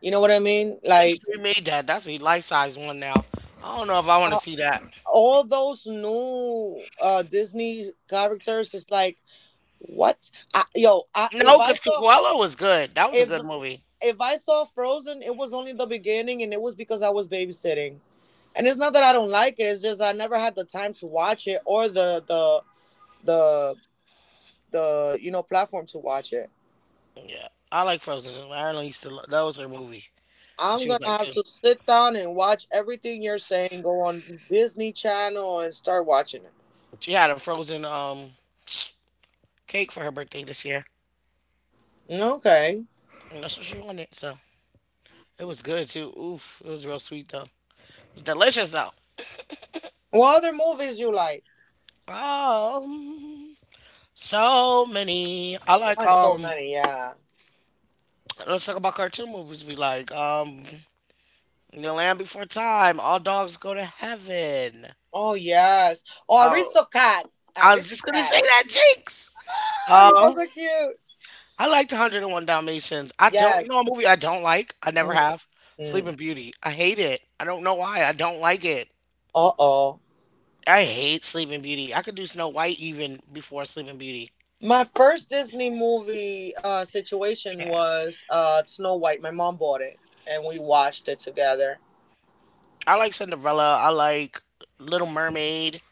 S2: You know what I mean?
S1: They just
S2: Like
S1: remade that. That's a life size one now. I don't know if I want to
S2: uh,
S1: see that.
S2: all those new Disney characters is like what?
S1: No, because Cruella was good. That was a
S2: If
S1: good movie.
S2: if I saw Frozen, it was only the beginning, and it was because I was babysitting. And it's not that I don't like it. It's just I never had the time to watch it or the the platform to watch it.
S1: Yeah. I like Frozen. Ireland used to lo- that was her movie when
S2: I'm
S1: she was
S2: gonna
S1: like
S2: have
S1: two.
S2: to sit down and watch everything you're saying. Go on Disney Channel and start watching it.
S1: She had a frozen cake for her birthday this year.
S2: Okay.
S1: And that's what she wanted. So it was good too. Oof. It was real sweet though. It was delicious though.
S2: What other movies you like?
S1: Um, so many. I like
S2: Oh, so
S1: um.
S2: many. Yeah.
S1: Let's talk about cartoon movies. We like The Land Before Time. All dogs go to heaven.
S2: Oh yes. Oh,
S1: Oh,
S2: Aristocats.
S1: I was just gonna say
S2: Aristocats.
S1: that, Jinx.
S2: Ah,
S1: Um,
S2: those are cute.
S1: I liked 101 Dalmatians. I don't. You know a
S2: Yes.
S1: movie I don't like. I never have.
S2: Mm-hmm.
S1: Sleeping Beauty. I hate it. I don't know why. I don't like it.
S2: Uh oh.
S1: I hate Sleeping Beauty. I could do Snow White even before Sleeping Beauty.
S2: My first Disney movie situation
S1: Yeah.
S2: was Snow White. My mom bought it and we watched it together.
S1: I like Cinderella. I like Little Mermaid.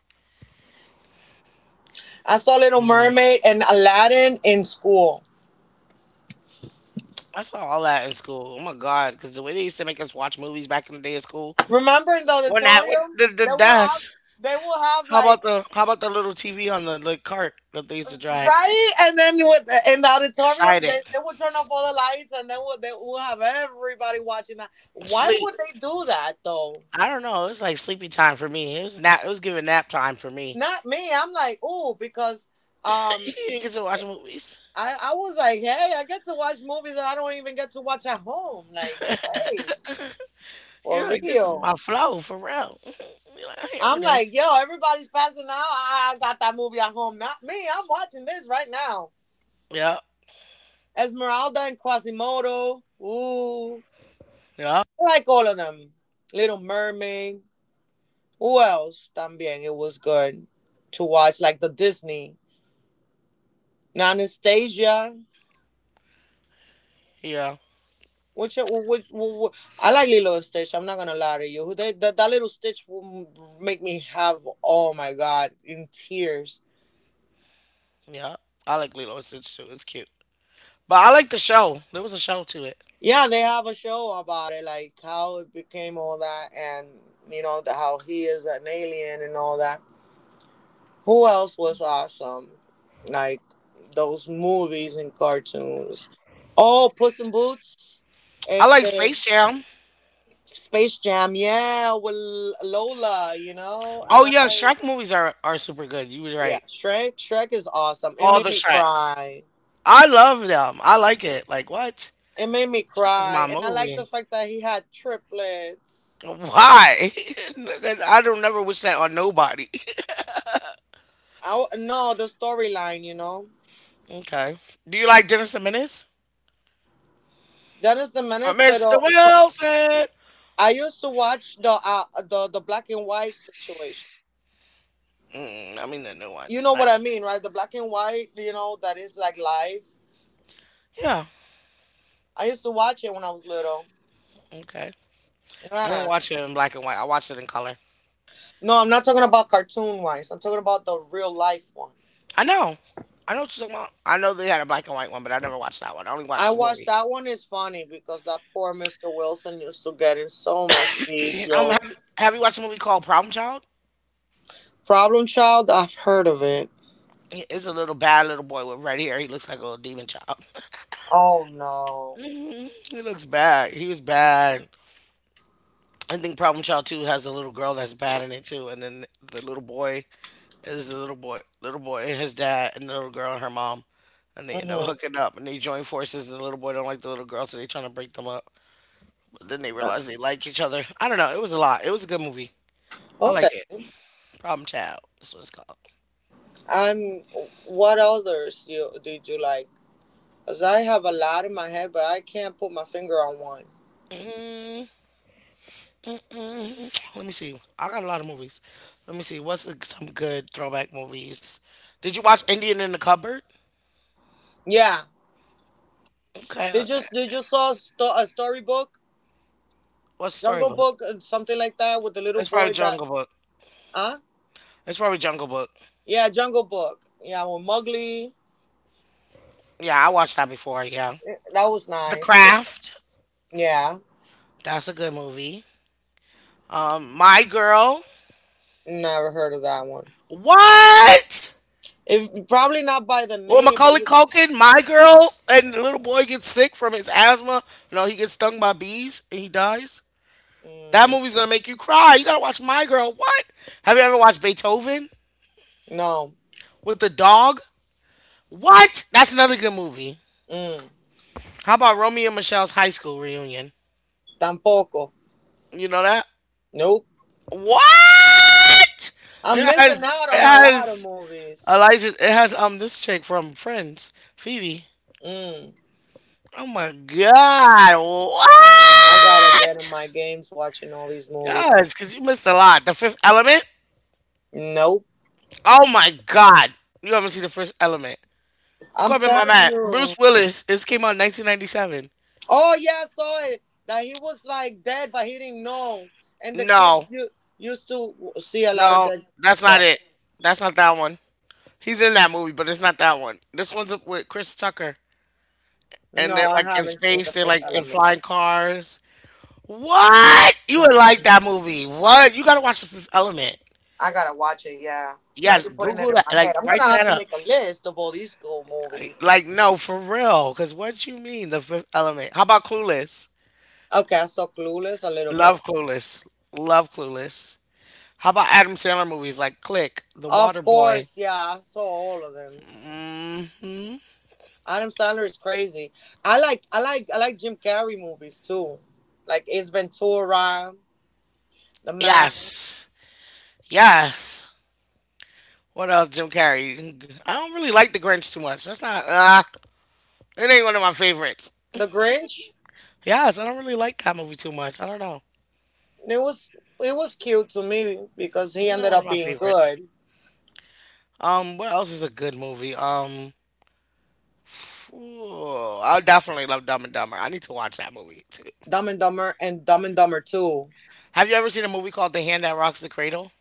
S2: I saw Little Mermaid and Aladdin in school.
S1: I saw all that in school. Oh my god, because the way they used to make us watch movies back in the day in school,
S2: Remember in the
S1: when that when
S2: auditorium?
S1: the
S2: They will have
S1: dust.
S2: they will have
S1: How
S2: like
S1: about the little TV on the cart that they used to drag?
S2: right and then with, in the auditorium
S1: Excited,
S2: they will turn off all the lights and then would they will have everybody watching that. Why
S1: sleep.
S2: would they do that though?
S1: I don't know. It was like sleepy time for me. It was nap. It was giving nap time for me.
S2: Not me. I'm like, ooh, because
S1: You
S2: um
S1: didn't get to watch movies.
S2: I was like, hey, I get to watch movies that I don't even get to watch at home. Like, hey, for
S1: You're like, this is
S2: real.
S1: my flow for real. You're like, I'm here for
S2: I'm like,
S1: this.
S2: yo, everybody's passing out. I got that movie at home. Not me. I'm watching this right now.
S1: Yeah,
S2: Esmeralda and Quasimodo. Ooh.
S1: yeah,
S2: I like all of them. Little Mermaid. Who else? También. It was good to watch, like the Disney. Anastasia.
S1: yeah,
S2: Which I like Lilo and Stitch. I'm not gonna lie to you. They, that that little Stitch will make me have oh my god in tears.
S1: yeah. I like Lilo and Stitch too. It's cute. But I like the show. There was a show to it.
S2: Yeah, they have a show about it, like how it became all that, and how he is an alien and all that. Who else was awesome? Like those movies and cartoons. Oh, Puss in Boots.
S1: I
S2: It's
S1: like Space Jam.
S2: Space Jam. Yeah, with Lola. You know.
S1: Oh yeah, Shrek movies are super good. You was
S2: Yeah,
S1: right.
S2: Shrek. Shrek is awesome. It
S1: All the
S2: made me
S1: Shreks.
S2: cry.
S1: I love them. I like it. Like what?
S2: It made me
S1: Shrek is
S2: cry,
S1: my
S2: and I like the
S1: movie.
S2: fact that he had triplets.
S1: Why? That- I don't never wish that on nobody.
S2: No the storyline.
S1: Okay. Do you like Dennis the Menace?
S2: Dennis the
S1: Or
S2: Menace,
S1: Mr.
S2: pero
S1: Wilson?
S2: I used to watch the black and white situation.
S1: Mm, I mean the new one.
S2: You know what
S1: Like
S2: I mean, right? The black and white, that is like live.
S1: yeah.
S2: I used to watch it when I was little.
S1: Okay. I didn't
S2: Yeah.
S1: watch it in black and white. I watched it in color.
S2: No, I'm not talking about cartoon wise. I'm talking about the real life one.
S1: I know. I know what you're talking about. I know they had a black and white one, but I never watched that one. I only
S2: I
S1: watched the
S2: watched
S1: movie.
S2: that one is funny because that poor Mr. Wilson used to get in so much deep,
S1: um,
S2: yo.
S1: have, have you watched a movie called Problem Child?
S2: Problem Child, I've heard of it.
S1: He is a little bad little boy with red hair. He looks like a little demon child.
S2: Oh no.
S1: Hmm. He looks bad. He was bad. I think Problem Child 2 has a little girl that's bad in it too. And then the little boy is the little boy, and his dad, and the little girl and her mom. And they end up
S2: Hmm.
S1: hooking up and they join forces. And the little boy don't like the little girl, so they trying to break them up. But then they realize they like each other. I don't know. It was a lot. It was a good movie. I like
S2: Okay.
S1: it. Problem Child. That's what it's called.
S2: I'm. What others you did you like? Cause I have a lot in my head, but I can't put my finger on one.
S1: Mm-hmm. Let me see. I got a lot of movies. Let me see. What's a, some good throwback movies? Did you watch Indian in the Cupboard?
S2: Yeah.
S1: Okay,
S2: They
S1: okay.
S2: just they just saw a, a storybook,
S1: What's
S2: Jungle
S1: Storybook?
S2: Book, something like that, with the little
S1: It's probably
S2: boy that.
S1: Jungle Book.
S2: Huh?
S1: It's probably Jungle Book.
S2: Yeah, Jungle Book. Yeah, with Mowgli.
S1: Yeah, I watched that before. Yeah.
S2: That was
S1: The
S2: nice.
S1: Craft.
S2: Yeah.
S1: That's a good movie. My Girl.
S2: Never heard of that one.
S1: What?
S2: If probably not by the
S1: Well,
S2: name, but
S1: Macaulay
S2: you.
S1: Culkin, My Girl, and the little boy gets sick from his asthma. No, he gets stung by bees and he dies. That
S2: Mm,
S1: movie's gonna make you cry. You gotta watch My Girl. What? Have you ever watched Beethoven
S2: no.
S1: with the dog? What? That's another good movie.
S2: Mm,
S1: How about Romeo and Michelle's high school reunion?
S2: tampoco.
S1: You know that?
S2: Nope.
S1: What?
S2: I'm
S1: It has
S2: missing out
S1: it
S2: on a lot of
S1: has
S2: movies.
S1: Elijah. It has this chick from Friends, Phoebe.
S2: Mm,
S1: Oh my God!
S2: I gotta get in
S1: What?
S2: my games watching all these movies.
S1: Yes, because you missed a lot. The Fifth Element.
S2: Nope.
S1: Oh my God! You haven't seen the Fifth Element.
S2: I'm
S1: Corbin my
S2: telling
S1: man. Bruce
S2: you.
S1: Willis. This came out in 1997.
S2: Oh yeah, I saw it. That he was like dead, but he didn't know. And the kid
S1: No,
S2: you used to see a lot of
S1: no,
S2: dead.
S1: that's not
S2: But
S1: it. That's not that one. He's in that movie, but it's not that one. This one's up with Chris Tucker, and
S2: no,
S1: they're
S2: I
S1: like in
S2: haven't seen the
S1: space. They're
S2: Fifth
S1: like in
S2: Element.
S1: flying cars. What? You would like that movie? What? You gotta watch The Fifth Element.
S2: I gotta watch it. Yeah. Now
S1: Yes,
S2: you're putting it
S1: Google
S2: in
S1: that.
S2: my
S1: Like,
S2: head. I'm
S1: write
S2: gonna
S1: that
S2: have to
S1: up.
S2: make a list of all these cool movies.
S1: Like, no, for real. Because what you mean, The Fifth Element? How about Clueless?
S2: Okay, I saw Clueless a little bit.
S1: Love Clueless. Love Clueless. How about Adam Sandler movies like Click, The
S2: Of
S1: Waterboy?
S2: course, yeah, I saw all of them. Adam Sandler is crazy. I like Jim Carrey movies too, like Ace Ventura, The Mask,
S1: Yes. Yes. What else, Jim Carrey? I don't really like The Grinch too much. That's not. It ain't one of my favorites.
S2: The Grinch.
S1: Yes, I don't really like that movie too much. I don't know.
S2: It was it was cute to me because he
S1: It's not
S2: ended
S1: one of
S2: up
S1: my
S2: being
S1: favorites.
S2: good.
S1: What else is a good movie? I definitely love Dumb and Dumber. I need to watch that movie too.
S2: Dumb and Dumber and Dumb and Dumber Two.
S1: Have you ever seen a movie called The Hand That Rocks the Cradle?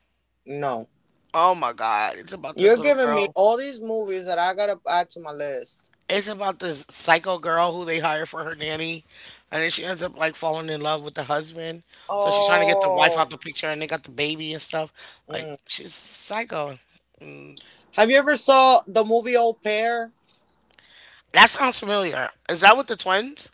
S2: No,
S1: Oh my God, it's about this
S2: you're
S1: little
S2: giving me
S1: girl.
S2: all these movies that I gotta add to my list.
S1: It's about this psycho girl who they hire for her nanny, and then she ends up like falling in love with the husband. So she's trying to get the wife
S2: Oh.
S1: out the picture, and they got the baby and stuff. Like
S2: Mm.
S1: she's psycho. Mm,
S2: Have you ever saw the movie Au Pair?
S1: that sounds familiar. Is that with the twins?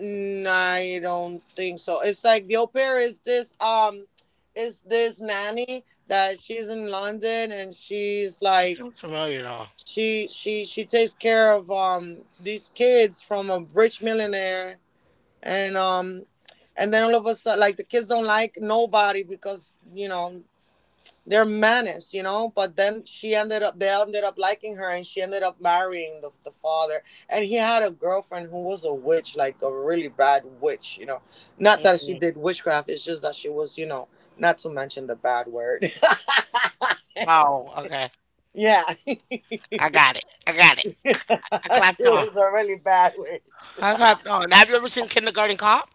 S2: Mm, I don't think so. It's like the Au Pair is this is this nanny that she's in London and she's
S1: It
S2: like
S1: sounds familiar though.
S2: she takes care of these kids from a rich millionaire and and then all of a sudden like the kids don't like nobody because they're menace, But then she ended up, they ended up liking her, and she ended up marrying the father. And he had a girlfriend who was a witch, like a really bad witch, Not that she
S1: Mm-mm.
S2: did witchcraft; it's just that she was, not to mention the bad word.
S1: Oh, okay.
S2: yeah,
S1: I got it. I got it. I
S2: she
S1: clapped on.
S2: was a really bad witch.
S1: I clapped on. Have you ever seen Kindergarten Cop?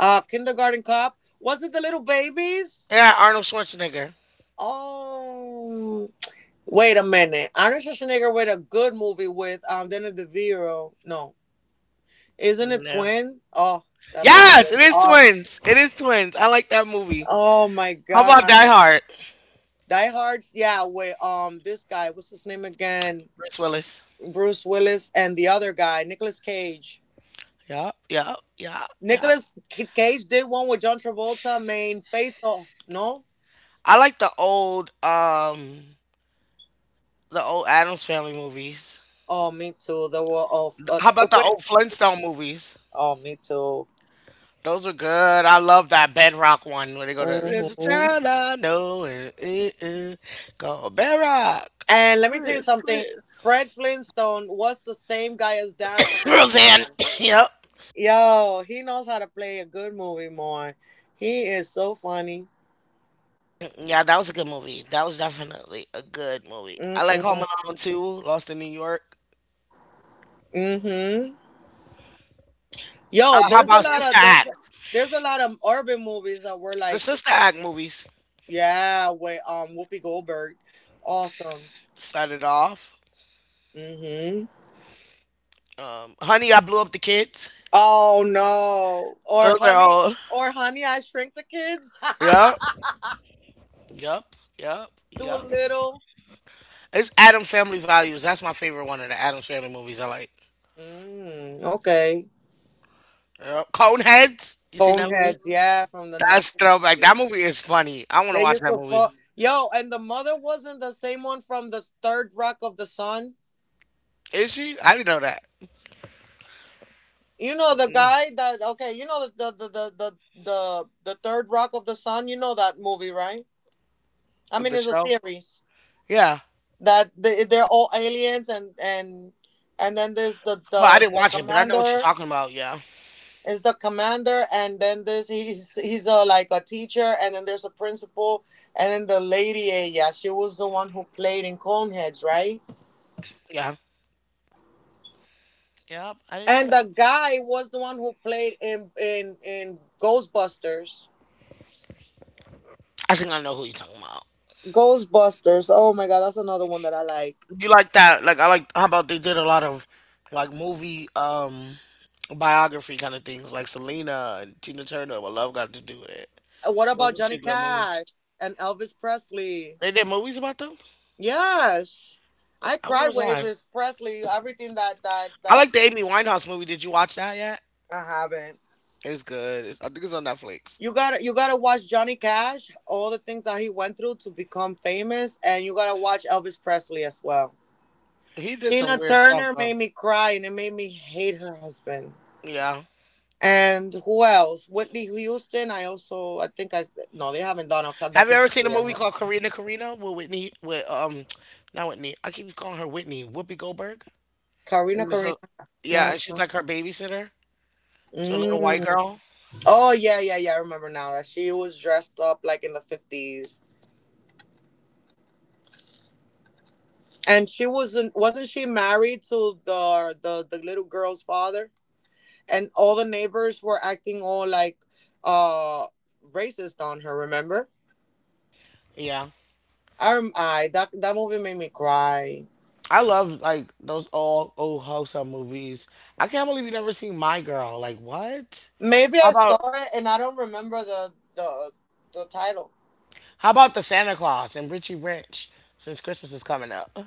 S2: Kindergarten cop. Was it the little babies?
S1: Yeah, Arnold Schwarzenegger.
S2: Oh, wait a minute. Arnold Schwarzenegger with a good movie with Danny DeVito. No. Isn't it
S1: No.
S2: Twin? Oh, that movie
S1: Yes,
S2: was
S1: it is
S2: awesome.
S1: twins. It is twins. I like that movie.
S2: Oh my
S1: How about Die
S2: god.
S1: Hard?
S2: Die Hard, yeah, with this guy, what's his name again?
S1: Bruce Willis.
S2: Bruce Willis and the other guy, Nicolas Cage.
S1: Yup, yup, yup, yup.
S2: Cage did one with John Travolta, main face off, no?
S1: I like the old Adams Family movies.
S2: Oh, me too. The war of
S1: How about the
S2: wait.
S1: old Flintstone movies?
S2: Oh, me too.
S1: Those are good. I love that Bedrock one where they go to there's a
S2: Hmm.
S1: town I know and it is called Bedrock.
S2: And let me tell you
S1: Chris,
S2: something.
S1: Chris.
S2: Fred Flintstone was the same guy as Dan from
S1: Roseanne.
S2: Roseanne.
S1: Yep.
S2: Yo, he knows how to play a good movie, Moy. He is so funny.
S1: Yeah, that was a good movie. That was definitely a good movie. I like Home
S2: Mm-mm.
S1: Alone too, Lost in New York.
S2: Mm-hmm. Yo,
S1: How
S2: there's a
S1: about
S2: lot
S1: Sister
S2: of there's
S1: Act?
S2: there's a lot of urban movies that were
S1: The
S2: like,
S1: Sister Act movies.
S2: yeah, with Whoopi Goldberg. Awesome.
S1: Set it off.
S2: Mm-hmm.
S1: Honey, I blew up the kids.
S2: Oh no.
S1: Those are old.
S2: Or honey, I shrink the kids.
S1: Yep. Yep. Yep. Yep.
S2: Too little.
S1: It's Adam Family Values. That's my favorite one of the Adams Family movies I like.
S2: Mm, okay.
S1: Yep. Coneheads. You seen that movie?
S2: Coneheads, yeah, from the
S1: That's throwback.
S2: 90s.
S1: That movie is funny. I want to
S2: They
S1: watch
S2: used
S1: that
S2: to
S1: movie.
S2: fuck. Yo, and the mother wasn't the same one from the third rock of the sun.
S1: Is she? I didn't know that.
S2: You know the guy that okay, you know the third rock of the sun. You know that movie, right? I mean,
S1: The
S2: it's a
S1: show?
S2: series
S1: Yeah.
S2: that they're all aliens, and and then there's the
S1: Well, I
S2: the
S1: didn't
S2: the
S1: watch it, but I know what you're
S2: commander
S1: talking about. Yeah.
S2: is the commander, and then there's he's a like a teacher, and then there's a principal, and then the lady, yeah, she was the one who played in Coneheads, right?
S1: Yeah. Yep. I didn't know
S2: And
S1: that.
S2: the guy was the one who played in Ghostbusters.
S1: I think I know who you're talking about.
S2: Ghostbusters. Oh my god, that's another one that I like.
S1: You like that? Like I like how about they did a lot of like movie biography kind of things like Selena and Tina Turner. What love got to do with it?
S2: What
S1: Those
S2: about
S1: were
S2: Johnny
S1: two good movies.
S2: Cash and Elvis Presley?
S1: They did movies about them.
S2: Yes.
S1: Where
S2: I
S1: where
S2: cried
S1: was
S2: with
S1: I?
S2: Elvis Presley, everything that that
S1: I
S2: that
S1: like the Amy Winehouse movie. Did you watch that yet?
S2: I haven't.
S1: It's good. It's, I think it's on Netflix.
S2: You gotta watch Johnny Cash, all the things that he went through to become famous, and you gotta watch Elvis Presley as well.
S1: He did some
S2: Tina
S1: weird stuff
S2: Turner
S1: though.
S2: made me cry and it made me hate her husband.
S1: Yeah.
S2: And who else? Whitney Houston. I also, I think I, no, they haven't done a
S1: Have you ever seen a
S2: documentary on
S1: movie
S2: her.
S1: called Karina Karina with Whitney? With Not Whitney. I keep calling her Whitney. Whoopi Goldberg.
S2: Karina,
S1: And
S2: Karina.
S1: so, yeah,
S2: No.
S1: and she's like her babysitter to a little white
S2: Mm.
S1: girl.
S2: Oh yeah, yeah, yeah. I remember now that she was dressed up like in the 50s, and she wasn't. Wasn't she married to the little girl's father? And all the neighbors were acting all like, uh, racist on her. Remember?
S1: Yeah.
S2: I rem- I that that movie made me cry.
S1: I love like those old old wholesale movies. I can't believe you never seen My Girl. Like what?
S2: Maybe
S1: How
S2: I
S1: about
S2: saw it and I don't remember the the title.
S1: how about the Santa Claus and Richie Rich? Since Christmas is coming up,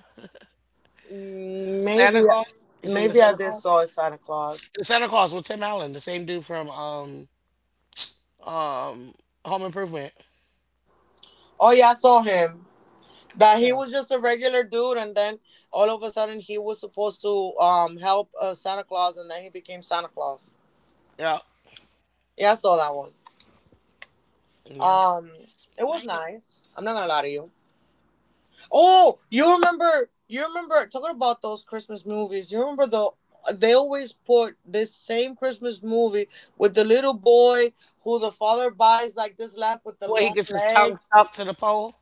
S1: Santa
S2: Maybe,
S1: Claus. You seen the
S2: maybe I
S1: Santa
S2: did
S1: Claus?
S2: saw a Santa Claus.
S1: The Santa Claus with Tim Allen, the same dude from um Home Improvement.
S2: Oh yeah, I saw him. That he
S1: Yeah.
S2: was just a regular dude, and then all of a sudden he was supposed to help Santa Claus, and then he became Santa Claus.
S1: Yeah.
S2: Yeah, I saw that one.
S1: Yes.
S2: Um, it was
S1: Ma'am.
S2: nice. I'm not gonna lie to you. Oh, you remember? You remember talking about those Christmas movies? You remember the? They always put this same Christmas movie with the little boy who the father buys like this lamp with the
S1: Where he
S2: long
S1: gets his tongue
S2: legs.
S1: stuck to the pole.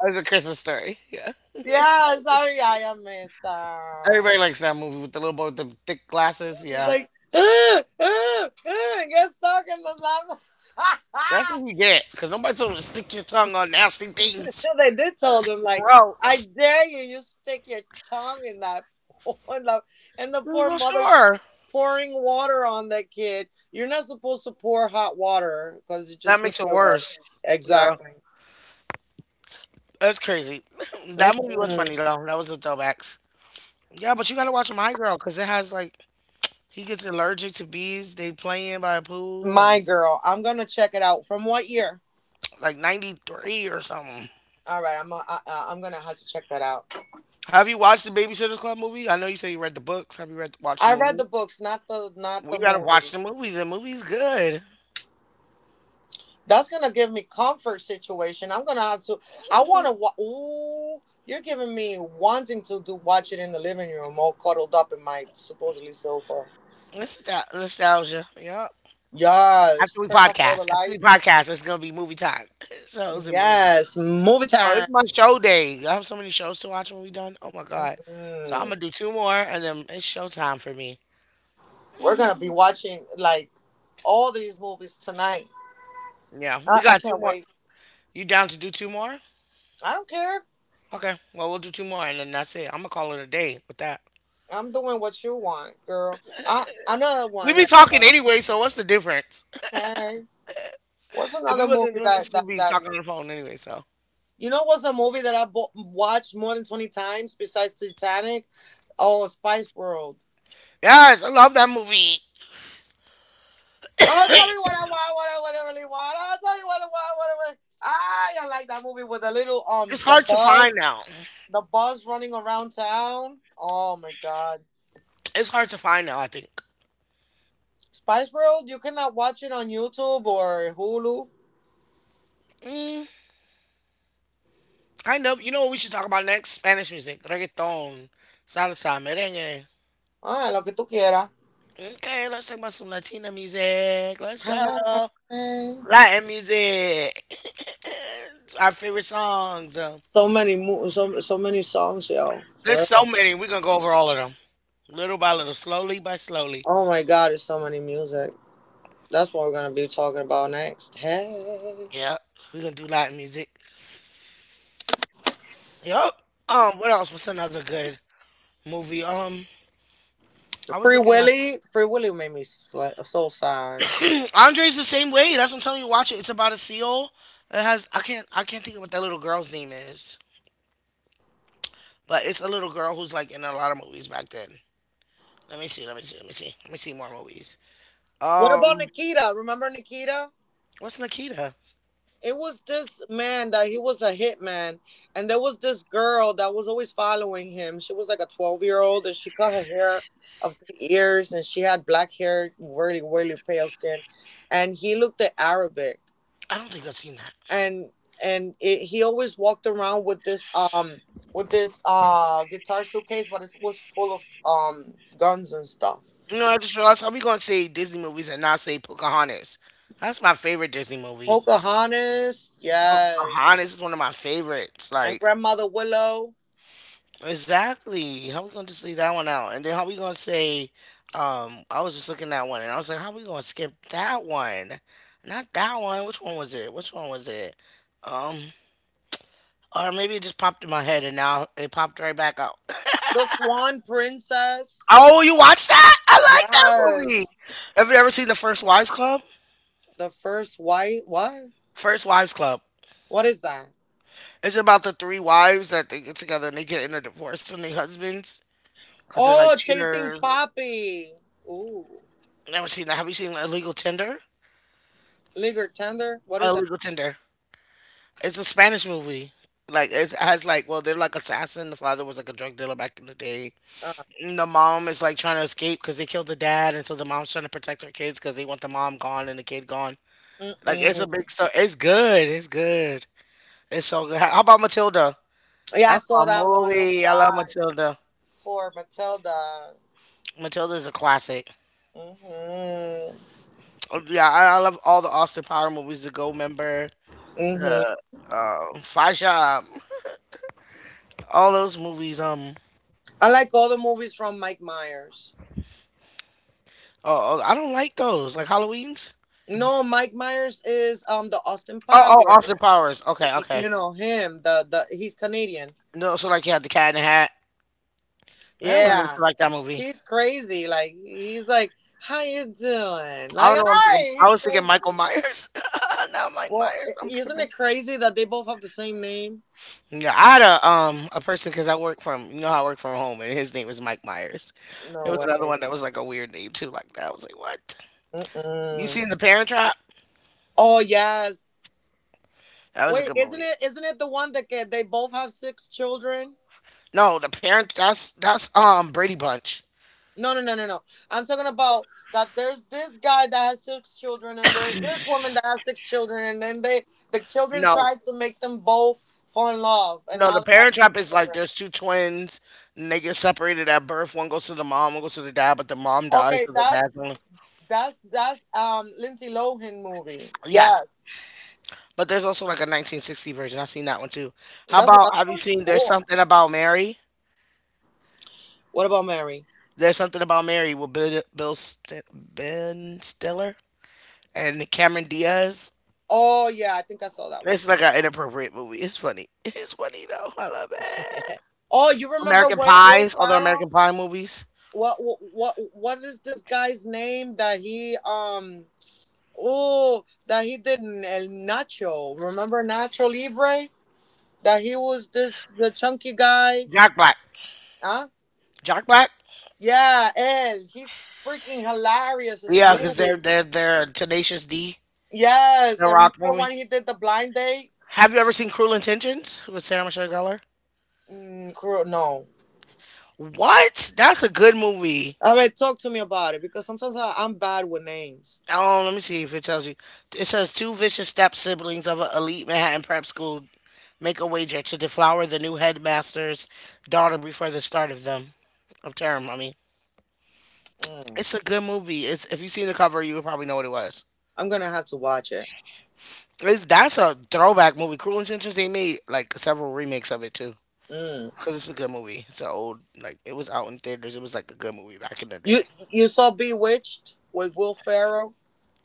S1: Oh, it's a Christmas story. Yeah. It's called
S2: Yes,
S1: a Christmas
S2: sorry
S1: story.
S2: I am messed up.
S1: Everybody likes that movie with the little boy with the thick glasses.
S2: It's
S1: Yeah.
S2: like "Ah, ah, ah," get stuck in the lava.
S1: That's what you get, because nobody told you to stick your tongue on nasty
S2: So
S1: things.
S2: they did told
S1: That's
S2: him like, I
S1: gross.
S2: dare you, you stick your tongue in that pool and the poor
S1: Well,
S2: mother
S1: sure.
S2: pouring water on that kid. You're not supposed to pour hot water because it
S1: That
S2: just
S1: makes
S2: makes
S1: it
S2: it worse.
S1: worse. Yeah.
S2: Exactly.
S1: That's crazy. That movie was
S2: Mm-mm.
S1: funny, though. That was a throwbacks. Yeah, but you gotta watch My Girl, because it has, like, he gets allergic to bees. They playing by a pool, and,
S2: My girl, I'm gonna check it out. From what year?
S1: like, 93 or something.
S2: All right, I'm gonna have to check that out.
S1: Have you watched the Babysitter's Club movie? I know you said you read the books. Have you read watched the
S2: I read the
S1: movie?
S2: books, not the
S1: We gotta watch
S2: movie.
S1: the movie. The movie's good.
S2: That's gonna give me comfort situation. I'm gonna have to. I want to. Ooh, you're giving me wanting to do watch it in the living room, all cuddled up in my supposedly sofa.
S1: Nostalgia. Yeah.
S2: Yes. Turn off all the
S1: After we
S2: lights.
S1: podcast, it's gonna be movie time. Shows and movie time.
S2: Yes. Movie
S1: Well, it's
S2: time.
S1: my show day. I have so many shows to watch when we done. Oh my god! So I'm
S2: Mm-mm.
S1: gonna do two more, and then it's show time for me.
S2: We're gonna be watching like all these movies tonight.
S1: Yeah,
S2: I,
S1: we
S2: I
S1: got two
S2: can't
S1: more.
S2: wait.
S1: You down to do two more?
S2: I don't care.
S1: Okay. Well, we'll do two more, and then that's it. I'm gonna call it a day with that.
S2: I'm doing what you want, girl. I another
S1: We
S2: one
S1: be
S2: like.
S1: talking anyway, so what's the difference?
S2: Hey. What's
S1: If we
S2: another
S1: wasn't
S2: movie
S1: doing this,
S2: that that
S1: we'd be
S2: that
S1: talking on the phone anyway. So
S2: you know what's a movie that I watched more than 20 times besides Titanic? Oh, Spice World.
S1: yes, I love that movie.
S2: Oh, tell me what I want, what I really want. Oh, tell me what I want, what I want. Ah, I like that movie with the little
S1: It's hard to find now.
S2: the buzz running around town. Oh my god,
S1: It's hard to find now. I think.
S2: Spice World. You cannot watch it on YouTube or Hulu.
S1: Mm, kind of. You know what we should talk about next? Spanish music, reggaeton, salsa, merengue.
S2: Ah, lo que tú quieras.
S1: Okay, let's talk about some Latina music. Let's go. Latin music. Our favorite songs.
S2: So many songs, yo,
S1: There's
S2: for
S1: so
S2: real.
S1: many. We're going to go over all of them. Little by little, slowly by slowly.
S2: Oh my God, there's so many music. That's what we're gonna be talking about next. Hey,
S1: Yeah, we're going to do Latin music. Yup. What else? What's another good movie? I was
S2: Free
S1: looking at
S2: Willy. Free Willy made me soul sign.
S1: Andre's the same way. That's what I'm telling you. Watch it. It's about a seal. It has I can't think of what that little girl's name is. But it's a little girl who's like in a lot of movies back then. Let me see. Let me see. Let me see. Let me see more movies.
S2: What about
S1: Um,
S2: Nikita? Remember Nikita?
S1: what's Nikita?
S2: It was this man that he was a hitman, and there was this girl that was always following him. She was like a 12 year old, and she cut her hair up to the ears, and she had black hair, really, really pale skin, and he looked at Arabic.
S1: I don't think I've seen that.
S2: and and it, he always walked around with this with this guitar suitcase, but it was full of guns and stuff.
S1: No, I just realized how we gonna say Disney movies and not say Pocahontas. That's my favorite Disney movie.
S2: Pocahontas, yes,
S1: Pocahontas is one of my favorites.
S2: and
S1: Like
S2: Grandmother Willow,
S1: exactly. How we gonna just leave that one out? And then how we gonna say? I was just looking at one and I was like, how we gonna skip that one? Not that one. Which one was it? Which one was it? Um, Or maybe it just popped in my head and now it popped right back out.
S2: the Swan Princess,
S1: Oh, you watched that? I like that movie.
S2: yes,
S1: Have you ever seen The First Wives Club?
S2: the first white what?
S1: First Wives Club.
S2: What is that?
S1: It's about the three wives that they get together and they get in a divorce from their husbands because they're like
S2: Oh, Chasing
S1: cheaters.
S2: Poppy. Ooh,
S1: Never seen that. Have you seen Illegal Tender?
S2: Ligger Tender. What is that?
S1: Illegal Tender. It's a Spanish movie. Like it's, it has like well they're like assassin. The father was like a drug dealer back in the day.
S2: Uh,
S1: And the mom is like trying to escape because they killed the dad, and so the mom's trying to protect her kids because they want the mom gone and the kid gone. Like it's a
S2: mm-mm.
S1: big story. It's good. It's good. It's so good. How about Matilda?
S2: Yeah, I
S1: That's
S2: saw
S1: my
S2: that one. Oh my
S1: movie. I love
S2: god,
S1: Matilda.
S2: poor Matilda.
S1: Matilda is a classic.
S2: Mm-hmm.
S1: Oh, yeah, I love all the Austin Power movies. The Gold Member,
S2: Mm-hmm.
S1: the Five Shop, all those movies.
S2: I like all the movies from Mike Myers.
S1: Oh, oh, I don't like those. Like Halloween's.
S2: No, Mike Myers is the Austin
S1: Oh, oh,
S2: Powers.
S1: Austin Powers. Okay, okay.
S2: You know him. The he's Canadian.
S1: No, so like you had the Cat in the Hat. I don't really
S2: Yeah,
S1: like that movie.
S2: he's crazy. Like he's like, how you doing?
S1: I
S2: Like
S1: don't know. What I'm
S2: hi,
S1: thinking. I
S2: he's
S1: was thinking
S2: crazy.
S1: Michael Myers. Not Mike
S2: Well,
S1: Myers. I'm
S2: isn't
S1: tripping.
S2: it crazy that they both have the same name?
S1: Yeah, I had a person because I work from you know how I work from home and his name was Mike Myers. There
S2: No
S1: was
S2: way.
S1: another one that was like a weird name too, like that. I was like, what? You
S2: Mm-mm.
S1: seen The Parent Trap?
S2: Oh yes.
S1: That was a
S2: Wait,
S1: good
S2: isn't
S1: movie.
S2: it? Isn't it the one that they both have six children?
S1: No, the Parent that's that's Brady Bunch.
S2: No, no, no, no, no. I'm talking about that there's this guy that has six children and there's this woman that has six children and then they the children
S1: No,
S2: tried to make them both fall in love and
S1: no, The
S2: now they have
S1: Parent
S2: four
S1: Trap is like
S2: children.
S1: there's two twins and they get separated at birth. One goes to the mom, one goes to the dad, but the mom dies,
S2: Okay,
S1: so the dad's
S2: that's
S1: only.
S2: that's that's Lindsay Lohan movie.
S1: Yes,
S2: Yes.
S1: but there's also like a 1960 version. I've seen that one too. How
S2: That's
S1: about
S2: another
S1: have you
S2: one?
S1: seen There's
S2: Cool.
S1: Something About Mary?
S2: What about Mary?
S1: There's something about Mary with Ben Stiller and Cameron Diaz.
S2: Oh yeah, I think I saw that one.
S1: It's like an inappropriate movie. It's funny. It's funny though. I love it.
S2: Oh, you remember
S1: American
S2: Will
S1: Pies, all the American
S2: Ferrell?
S1: Pie movies.
S2: What is this guy's name that he um Oh, that he did El Nacho. Remember Nacho Libre? That he was this the chunky guy.
S1: Jack Black.
S2: Huh?
S1: Jack Black.
S2: Yeah, El. He's freaking hilarious. His
S1: Yeah, because they're
S2: movies.
S1: they're they're a Tenacious D,
S2: Yes,
S1: the
S2: I
S1: Rock
S2: remember
S1: movie.
S2: when he did the blind date.
S1: Have you ever seen Cruel Intentions with Sarah Michelle Gellar?
S2: Mm, no.
S1: What? That's a good movie.
S2: All right, talk to me about it because sometimes I'm bad with names.
S1: Oh, let me see if it tells you. It says two vicious step siblings of an elite Manhattan prep school make a wager to deflower the new headmaster's daughter before the start of them of term. I mean,
S2: Mm,
S1: it's a good movie. It's if you've seen the cover, you would probably know what it was.
S2: I'm gonna have to watch it.
S1: It's that's a throwback movie. Cruel Intentions. They made like several remakes of it too.
S2: Mm.
S1: Cause it's a good movie. It's an old like it was out in theaters. It was like a good movie back in the day.
S2: You you saw Bewitched with Will Ferrell?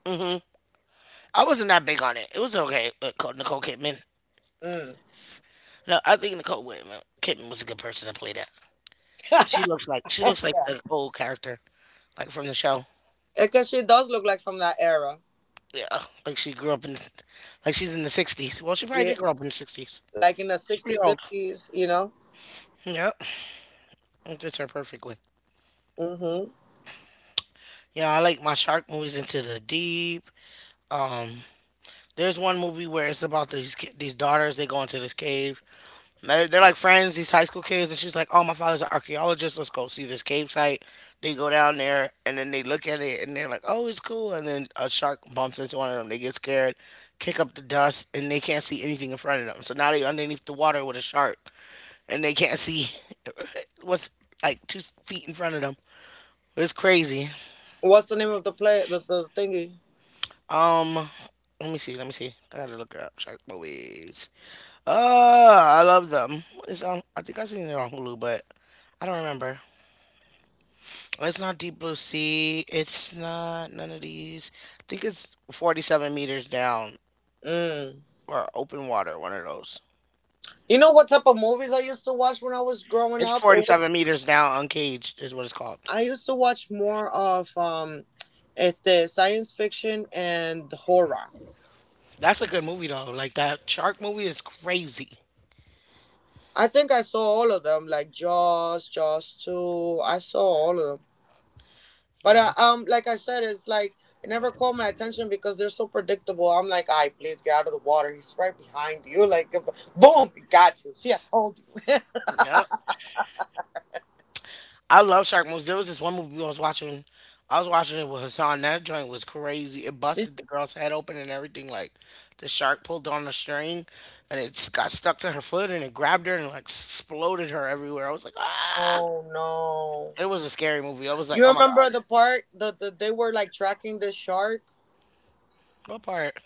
S1: Hmm. I wasn't that big on it. It was okay. But Nicole Kidman.
S2: Mm.
S1: No, I think Nicole Kidman was a good person to play that. She looks like she
S2: yeah,
S1: looks like the old character, like from the show.
S2: because she does look like from that era.
S1: Yeah, like she grew up in, like she's in the '60s. Well, she probably
S2: Yeah.
S1: did grow up in the '60s.
S2: Like in the
S1: She's pretty
S2: 60s,
S1: old.
S2: 50s, you know?
S1: Yeah, it fits her perfectly.
S2: Hmm.
S1: Yeah, I like my shark movies into the deep. Um, there's one movie where it's about these daughters. They go into this cave. They're like friends, these high school kids, and she's like, "Oh, my father's an archaeologist. Let's go see this cave site." They go down there, and then they look at it, and they're like, "Oh, it's cool." And then a shark bumps into one of them. They get scared, kick up the dust, and they can't see anything in front of them. So now they are underneath the water with a shark, and they can't see what's like two feet in front of them. It's crazy.
S2: What's the name of the play, the thingy?
S1: Um, Let me see. Let me see. I gotta look it up. Shark movies. I love them. It's on. I think I seen it on Hulu, but I don't remember. It's not Deep Blue Sea. It's not none of these. I think it's 47 meters down
S2: Mm.
S1: or open water, one of those.
S2: You know what type of movies I used to watch when I was growing
S1: It's
S2: up?
S1: 47 meters down, uncaged is what it's called.
S2: I used to watch more of este, science fiction and horror.
S1: That's a good movie though. Like that shark movie is crazy.
S2: I think I saw all of them, like Jaws, Jaws 2. I saw all of them. But
S1: Yeah.
S2: like I said, it never caught my attention because they're so predictable. I'm like, I please get out of the water. He's right behind you. Like, boom, got you. See, I told you.
S1: Yep. I love shark movies. There was this one movie I was watching. I was watching it with Hassan. That joint was crazy. It
S2: This-
S1: busted the girl's head open and everything. Like the shark pulled on the string, and it s- got stuck to her foot and it grabbed her and like exploded her everywhere. I was like, ah!
S2: Oh no!
S1: It was a scary movie. I was like,
S2: You
S1: "Oh my
S2: remember
S1: god!"
S2: the part that they were like tracking the shark?
S1: What part?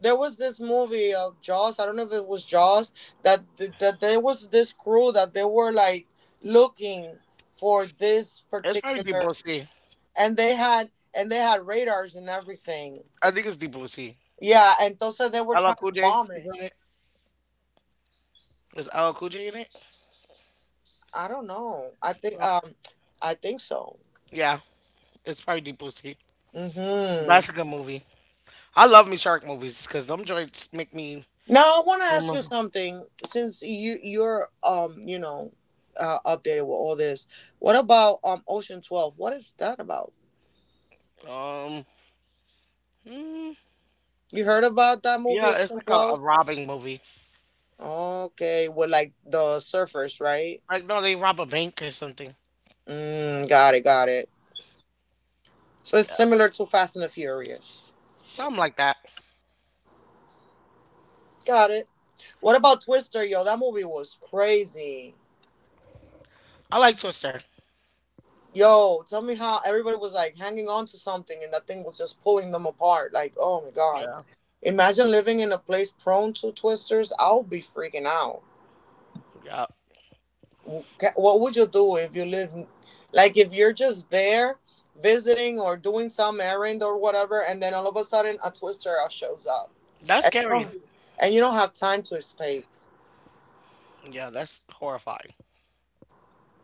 S2: There was this movie of Jaws. I don't know if it was Jaws that that there was this crew that they were like looking for this
S1: It's probably Deep Blue
S2: particular,
S1: Sea.
S2: and they had radars and everything.
S1: I think it's Deep Blue Sea.
S2: Yeah, and entonces they were
S1: LL
S2: trying to
S1: Cool J
S2: bomb
S1: is
S2: it.
S1: in it. Is LL Cool J in it?
S2: I don't know.
S1: Pro-
S2: I think so.
S1: Yeah, it's probably Deep Blue Sea.
S2: Mm-hmm.
S1: That's a good movie. I love me shark movies because them joints make me
S2: Now I want to ask you
S1: remember.
S2: something. Since you're updated with all this, what about Ocean 12? What is that about?
S1: Um, mm,
S2: You heard about that movie
S1: yeah, it's
S2: Ocean
S1: like a
S2: 12?
S1: robbing movie.
S2: Okay, with like the surfers, right?
S1: Like no, they rob a bank or something.
S2: Got it, got it. So it's
S1: Yeah,
S2: similar to Fast and the Furious.
S1: something like that.
S2: Got it. What about Twister, yo? That movie was crazy.
S1: I like Twister.
S2: Yo, tell me how everybody was like hanging on to something and that thing was just pulling them apart. Like, oh my God.
S1: Yeah,
S2: Imagine living in a place prone to twisters. I'll be freaking out.
S1: yeah,
S2: What would you do if you live, like, if you're just there visiting or doing some errand or whatever, and then all of a sudden a twister out shows up
S1: that's
S2: and
S1: scary.
S2: you don't have time to escape?
S1: Yeah, that's horrifying.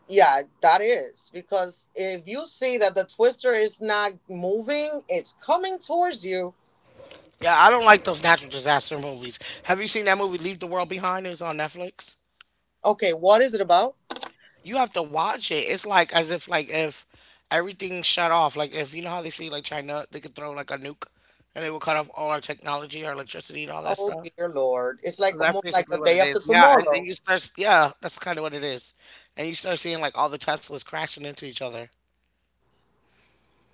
S2: Yeah, that is because if you see that the twister is not moving, it's coming towards you.
S1: Yeah, I don't like those natural disaster movies. Have you seen that movie Leave the World Behind? It was on Netflix.
S2: Okay, what is it about?
S1: You have to watch it. It's like as if like if everything shut off. Like if you know how they see like China, they could throw like a nuke and it will cut off all our technology, our electricity and all that
S2: Oh
S1: stuff.
S2: dear Lord. It's
S1: So
S2: like
S1: that's
S2: almost like the
S1: basically what
S2: day
S1: it is.
S2: after
S1: Yeah, and then
S2: tomorrow.
S1: you start s- yeah, that's kind of what it is. And you start seeing like all the Teslas crashing into each other.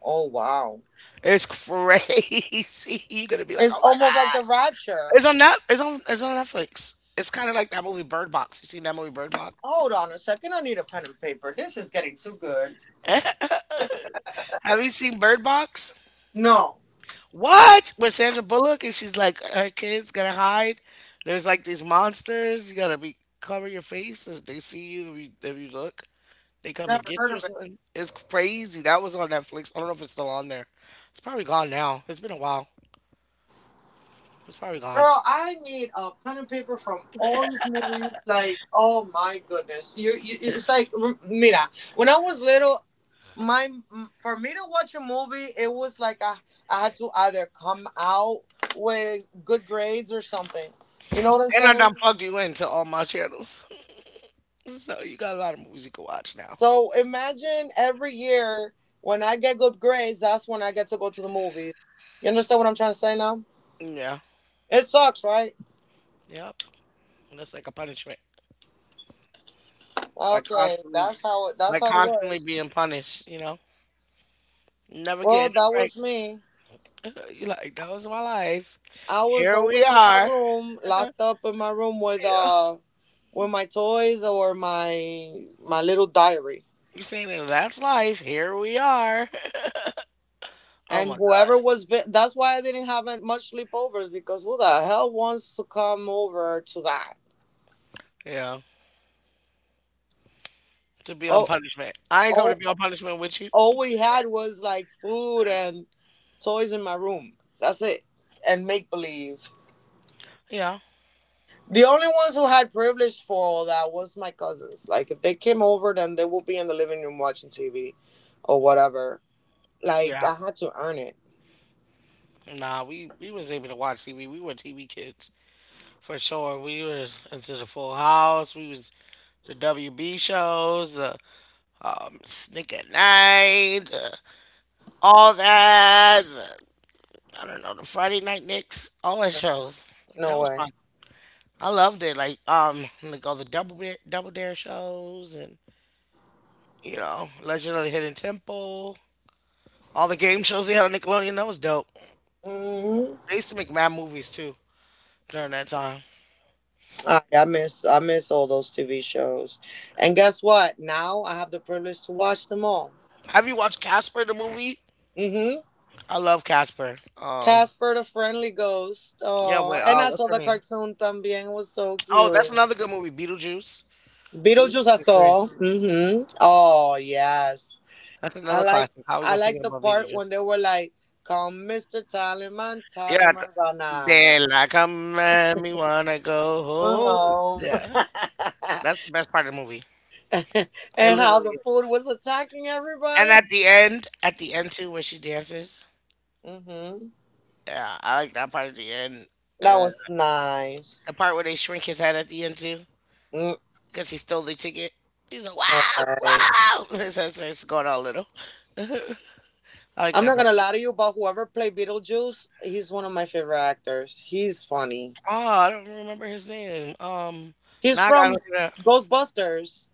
S2: Oh wow.
S1: It's crazy. You're gonna be like,
S2: It's
S1: oh my
S2: almost like the
S1: god.
S2: rapture.
S1: It's on that. It's on. It's on Netflix. It's kind of like that movie Bird Box. You seen that movie Bird Box?
S2: Hold on a second, I need a pen and paper. This is getting too good.
S1: Have you seen Bird Box?
S2: No,
S1: What? With Sandra Bullock and she's like, her kids gotta hide. There's like these monsters. You gotta be cover your face if they see you. If you look, they come and
S2: never
S1: get you
S2: heard
S1: or
S2: of it.
S1: something. It's crazy. That was on Netflix. I don't know if it's still on there. It's probably gone now. It's been a while. It's probably gone.
S2: Girl, I need a pen and paper from all these movies. Like, oh my goodness, you it's like, mira. When I was little, my for me to watch a movie it was like I had to either come out with good grades or something, you know what I'm
S1: And I
S2: saying?
S1: done plugged you into all my channels, so you got a lot of movies you can watch now.
S2: So imagine every year when I get good grades, that's when I get to go to the movies. You understand what I'm trying to say now?
S1: Yeah.
S2: It sucks, right?
S1: Yep. That's like a punishment. Like
S2: Okay,
S1: constantly,
S2: that's
S1: like
S2: how it
S1: constantly
S2: was.
S1: being punished. You know. Never
S2: Well,
S1: getting a
S2: that
S1: break.
S2: was me.
S1: You like that was my life.
S2: I was
S1: Here we
S2: always in my
S1: are.
S2: room, locked up in my room
S1: Yeah.
S2: with my toys or my little diary.
S1: You saying it, that's life. Here we are. Oh
S2: And
S1: my God.
S2: whoever was, that's why I didn't have much sleepovers, because who the hell wants to come over to that?
S1: Yeah. To be on
S2: Oh,
S1: punishment. I ain't come to
S2: all,
S1: be on punishment with you.
S2: all we had was like food and toys in my room. That's it. And make believe.
S1: Yeah.
S2: The only ones who had privilege for all that was my cousins. Like if they came over, then they would be in the living room watching TV or whatever. Like
S1: Yeah.
S2: I had to earn it.
S1: Nah, we was able to watch TV. We were TV kids for sure. We was into the Full House. We was the WB shows, the Snick at Night, the, all that. The, I don't know the Friday Night Knicks, all that shows. Like
S2: No
S1: that was fun.
S2: way.
S1: I loved it. Like all the double dare shows, and you know, Legend of the Hidden Temple, all the game shows they had on Nickelodeon. That was dope.
S2: Hmm.
S1: They used to make mad movies too during that time.
S2: I miss all those TV shows. And guess what? Now I have the privilege to watch them all.
S1: Have you watched Casper the movie?
S2: Mm-hmm.
S1: I love Casper.
S2: Casper the Friendly Ghost.
S1: Yeah.
S2: Oh,
S1: Wait.
S2: and I
S1: What's
S2: saw
S1: her
S2: the
S1: name?
S2: cartoon también. It was so
S1: Oh, that's
S2: cute.
S1: another good movie. Beetlejuice. Beetlejuice
S2: Beetlejuice I
S1: is great.
S2: saw. Mm-hmm. Oh yes.
S1: That's
S2: I
S1: another
S2: like
S1: classic. How we
S2: I
S1: gonna
S2: like
S1: forget
S2: the
S1: about
S2: part when they
S1: Beetlejuice?
S2: were like, "Come, Mr. Tallyman,
S1: Yeah. th-
S2: Tallyman banana."
S1: Daylight come and me wanna go home.
S2: Uh-huh.
S1: Yeah, that's the best part of the movie. It
S2: And how the
S1: literally
S2: food was attacking
S1: And
S2: everybody.
S1: at the end too, where she dances.
S2: Mm-hmm.
S1: Yeah, I like that part at the end.
S2: That
S1: Uh,
S2: was nice.
S1: the part where they shrink his head at the end too,
S2: Mm,
S1: because he stole the ticket. He's like, wow,
S2: all right.
S1: wow. His head starts going all little. I like
S2: I'm
S1: that
S2: not
S1: part
S2: gonna
S1: too.
S2: lie to you, but whoever played Beetlejuice, he's one of my favorite actors. He's funny.
S1: Oh, I don't remember his name.
S2: He's
S1: Now I gotta
S2: from
S1: look it up.
S2: Ghostbusters.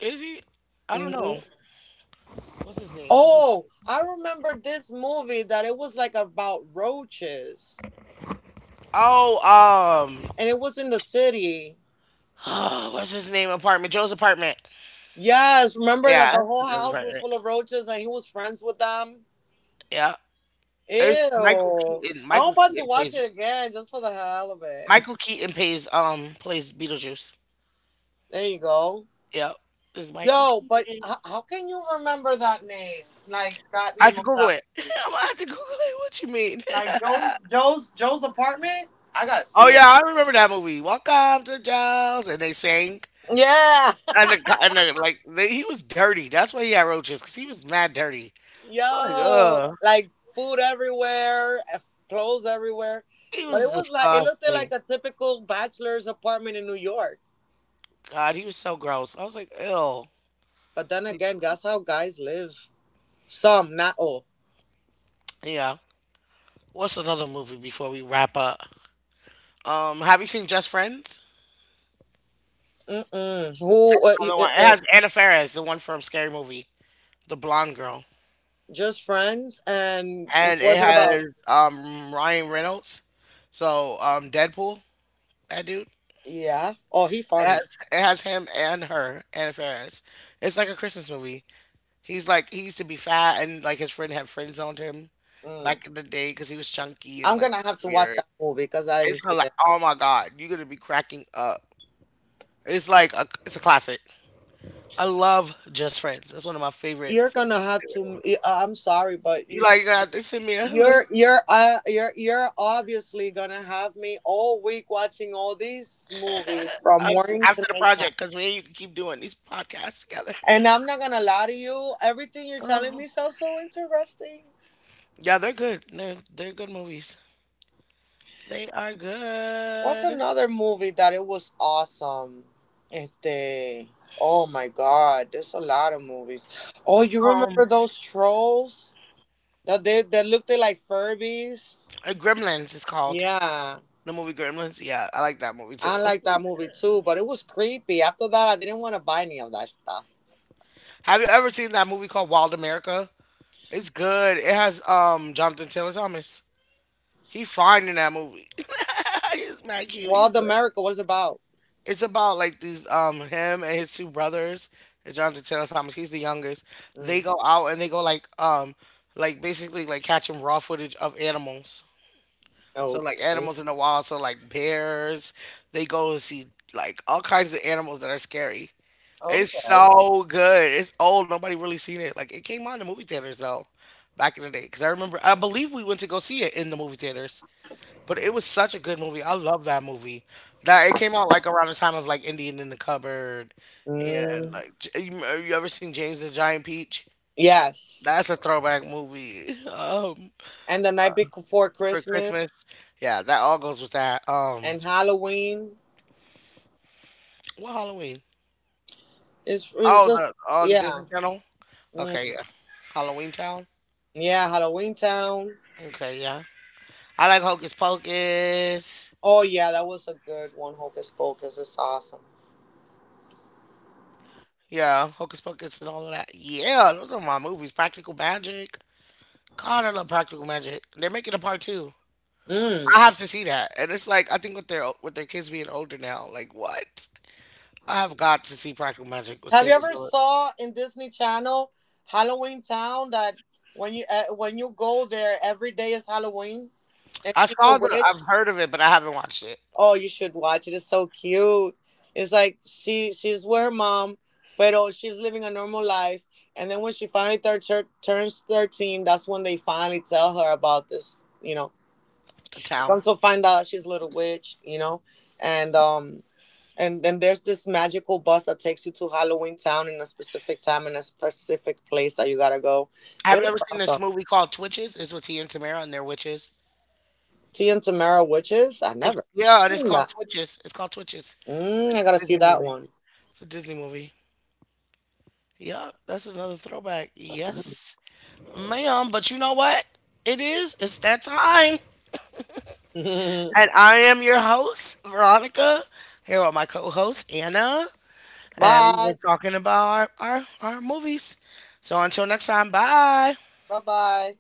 S1: Is he? I don't know.
S2: Hmm.
S1: What's his name? What's his?
S2: Oh, I remember this movie that it was like about roaches,
S1: Oh,
S2: and it was in the city.
S1: what's his name? Apartment. Joe's apartment.
S2: Yes, remember that
S1: Yeah,
S2: the
S1: that's
S2: whole
S1: Joe's
S2: house was
S1: apartment.
S2: full of roaches, and he was friends with them.
S1: Yeah, it's Michael
S2: Ew!
S1: Keaton.
S2: I'm about to watch it again just for the hell of it.
S1: Michael Keaton plays um plays Beetlejuice.
S2: There you go.
S1: Yep, it's Michael
S2: Yo, but
S1: Keaton.
S2: how can you remember that name? Like that
S1: I had
S2: name
S1: to
S2: of
S1: Google
S2: that
S1: it.
S2: movie?
S1: I'm gonna have to Google it. What you mean?
S2: Like Joe's apartment? I gotta
S1: oh
S2: see it.
S1: yeah, I remember that movie. Welcome to Giles, and they sang.
S2: Yeah.
S1: And the, co- and the like, they, he was dirty. That's why he had roaches, cause he was mad dirty. I'm like,
S2: Yo,
S1: ugh,
S2: like food everywhere, eh, clothes everywhere.
S1: he
S2: But
S1: was
S2: it was like it looked like
S1: disgusting.
S2: a typical bachelor's apartment in New York.
S1: God, he was so gross. I was like, ew.
S2: But then
S1: Like,
S2: again, that's how guys live. Some, not all.
S1: yeah. What's another movie before we wrap up? Have you seen Just Friends?
S2: Mm-mm. Who?
S1: That's another one. It has Anna Faris, the one from Scary Movie. The blonde girl,
S2: Just friends. And
S1: and it
S2: what's it about?
S1: has Ryan Reynolds, so Deadpool, that dude.
S2: Yeah. Oh, he
S1: It has,
S2: funny.
S1: it has him and her, Anna Faris. It's like a Christmas movie. He's like he used to be fat, and like his friend had friend zoned him
S2: Mm.
S1: back in the day because he was chunky and
S2: I'm
S1: like
S2: gonna have
S1: kinda
S2: to watch
S1: weird.
S2: that movie because I didn't
S1: It's kinda
S2: see
S1: like
S2: it.
S1: oh my god, you're gonna be cracking up. It's a classic. I love Just Friends. It's one of my favorite
S2: You're
S1: favorite
S2: gonna have to.
S1: favorite.
S2: I'm sorry, but
S1: You like God, they send me a list.
S2: you're obviously gonna have me all week watching all these movies from
S1: Um,
S2: morning
S1: after
S2: to
S1: the project,
S2: nighttime.
S1: because me and you can keep doing these podcasts together.
S2: And I'm not gonna lie to you. Everything you're telling
S1: Oh.
S2: me sounds so interesting.
S1: Yeah, they're good. They're good movies. They are
S2: What's
S1: good.
S2: another movie that it was awesome? Este. Oh my God, there's a lot of movies. Oh, you
S1: Um,
S2: remember those trolls that they that looked like Furbies?
S1: Gremlins is called
S2: Yeah,
S1: the movie Gremlins. Yeah, I like that movie too.
S2: I like that movie too, but it was creepy. After that, I didn't want to buy any of that stuff.
S1: Have you ever seen that movie called Wild America? It's good. It has Jonathan Taylor Thomas. He fine in that movie. He's mad cute. He's
S2: Wild
S1: like
S2: America, what is it about?
S1: it's about like these him and his 2 brothers, Jonathan Taylor Thomas. He's the youngest. They
S2: Mm,
S1: go out and they go like basically like catching raw footage of animals. So like
S2: okay.
S1: animals in the wild. So like bears. They go and see like all kinds of animals that are scary. It's
S2: Okay.
S1: so good. It's old. Nobody really seen it. Like it came out in the movie theaters though, back in the day. Because I remember, I believe we went to go see it in the movie theaters. But it was such a good movie. I love that movie. That it came out like around the time of like Indian in the Cupboard, and
S2: Mm,
S1: like J- you ever seen James and the Giant Peach?
S2: yes.
S1: That's a throwback movie.
S2: And the night before
S1: For
S2: Christmas
S1: Christmas, yeah, that all goes with that.
S2: and Halloween
S1: What Halloween?
S2: is
S1: Oh,
S2: just
S1: the on
S2: yeah.
S1: Disney Channel. Okay,
S2: Mm,
S1: yeah, Halloween Town.
S2: yeah, Halloween Town.
S1: Okay, yeah. I like Hocus Pocus.
S2: Oh yeah, that was a good one. Hocus Pocus is awesome.
S1: Yeah, Hocus Pocus and all of that. Yeah, those are my movies. Practical Magic. God, I love Practical Magic. They're making a part 2.
S2: Mm.
S1: I have to see that, and it's like I think with their kids being older now, like what? I have got to see Practical Magic with
S2: Have you
S1: Sandra
S2: ever
S1: Bullock.
S2: saw in Disney Channel Halloween Town that when you go there every day is Halloween and
S1: I
S2: she's a
S1: saw the,
S2: witch?
S1: I've heard of it, but I haven't watched it.
S2: Oh, you should watch it. It's so cute. It's like she's with her mom, but oh, she's living a normal life. And then when she finally turns 13, that's when they finally tell her about this. You know,
S1: The
S2: they
S1: Town.
S2: come to find out she's a little witch. You know, and um and then there's this magical bus that takes you to Halloween Town in a specific time in a specific place that you gotta go.
S1: Have you
S2: It
S1: ever
S2: was
S1: seen this
S2: awesome.
S1: movie called Twitches? It's with T and Tamara and their witches.
S2: T and Tamara Witches. I
S1: It's,
S2: never
S1: yeah, and it's
S2: seen
S1: called
S2: that.
S1: Twitches. It's called Twitches.
S2: Mm,
S1: It's
S2: I gotta
S1: a
S2: see
S1: Disney
S2: that
S1: movie.
S2: one.
S1: It's a Disney movie. Yup, that's another throwback. Yes, ma'am. But you know what? It is. It's that time. And I am your host, Veronica, here with my co host, Anna. And we
S2: Bye.
S1: were talking about our movies. So until next time, bye.
S2: Bye bye.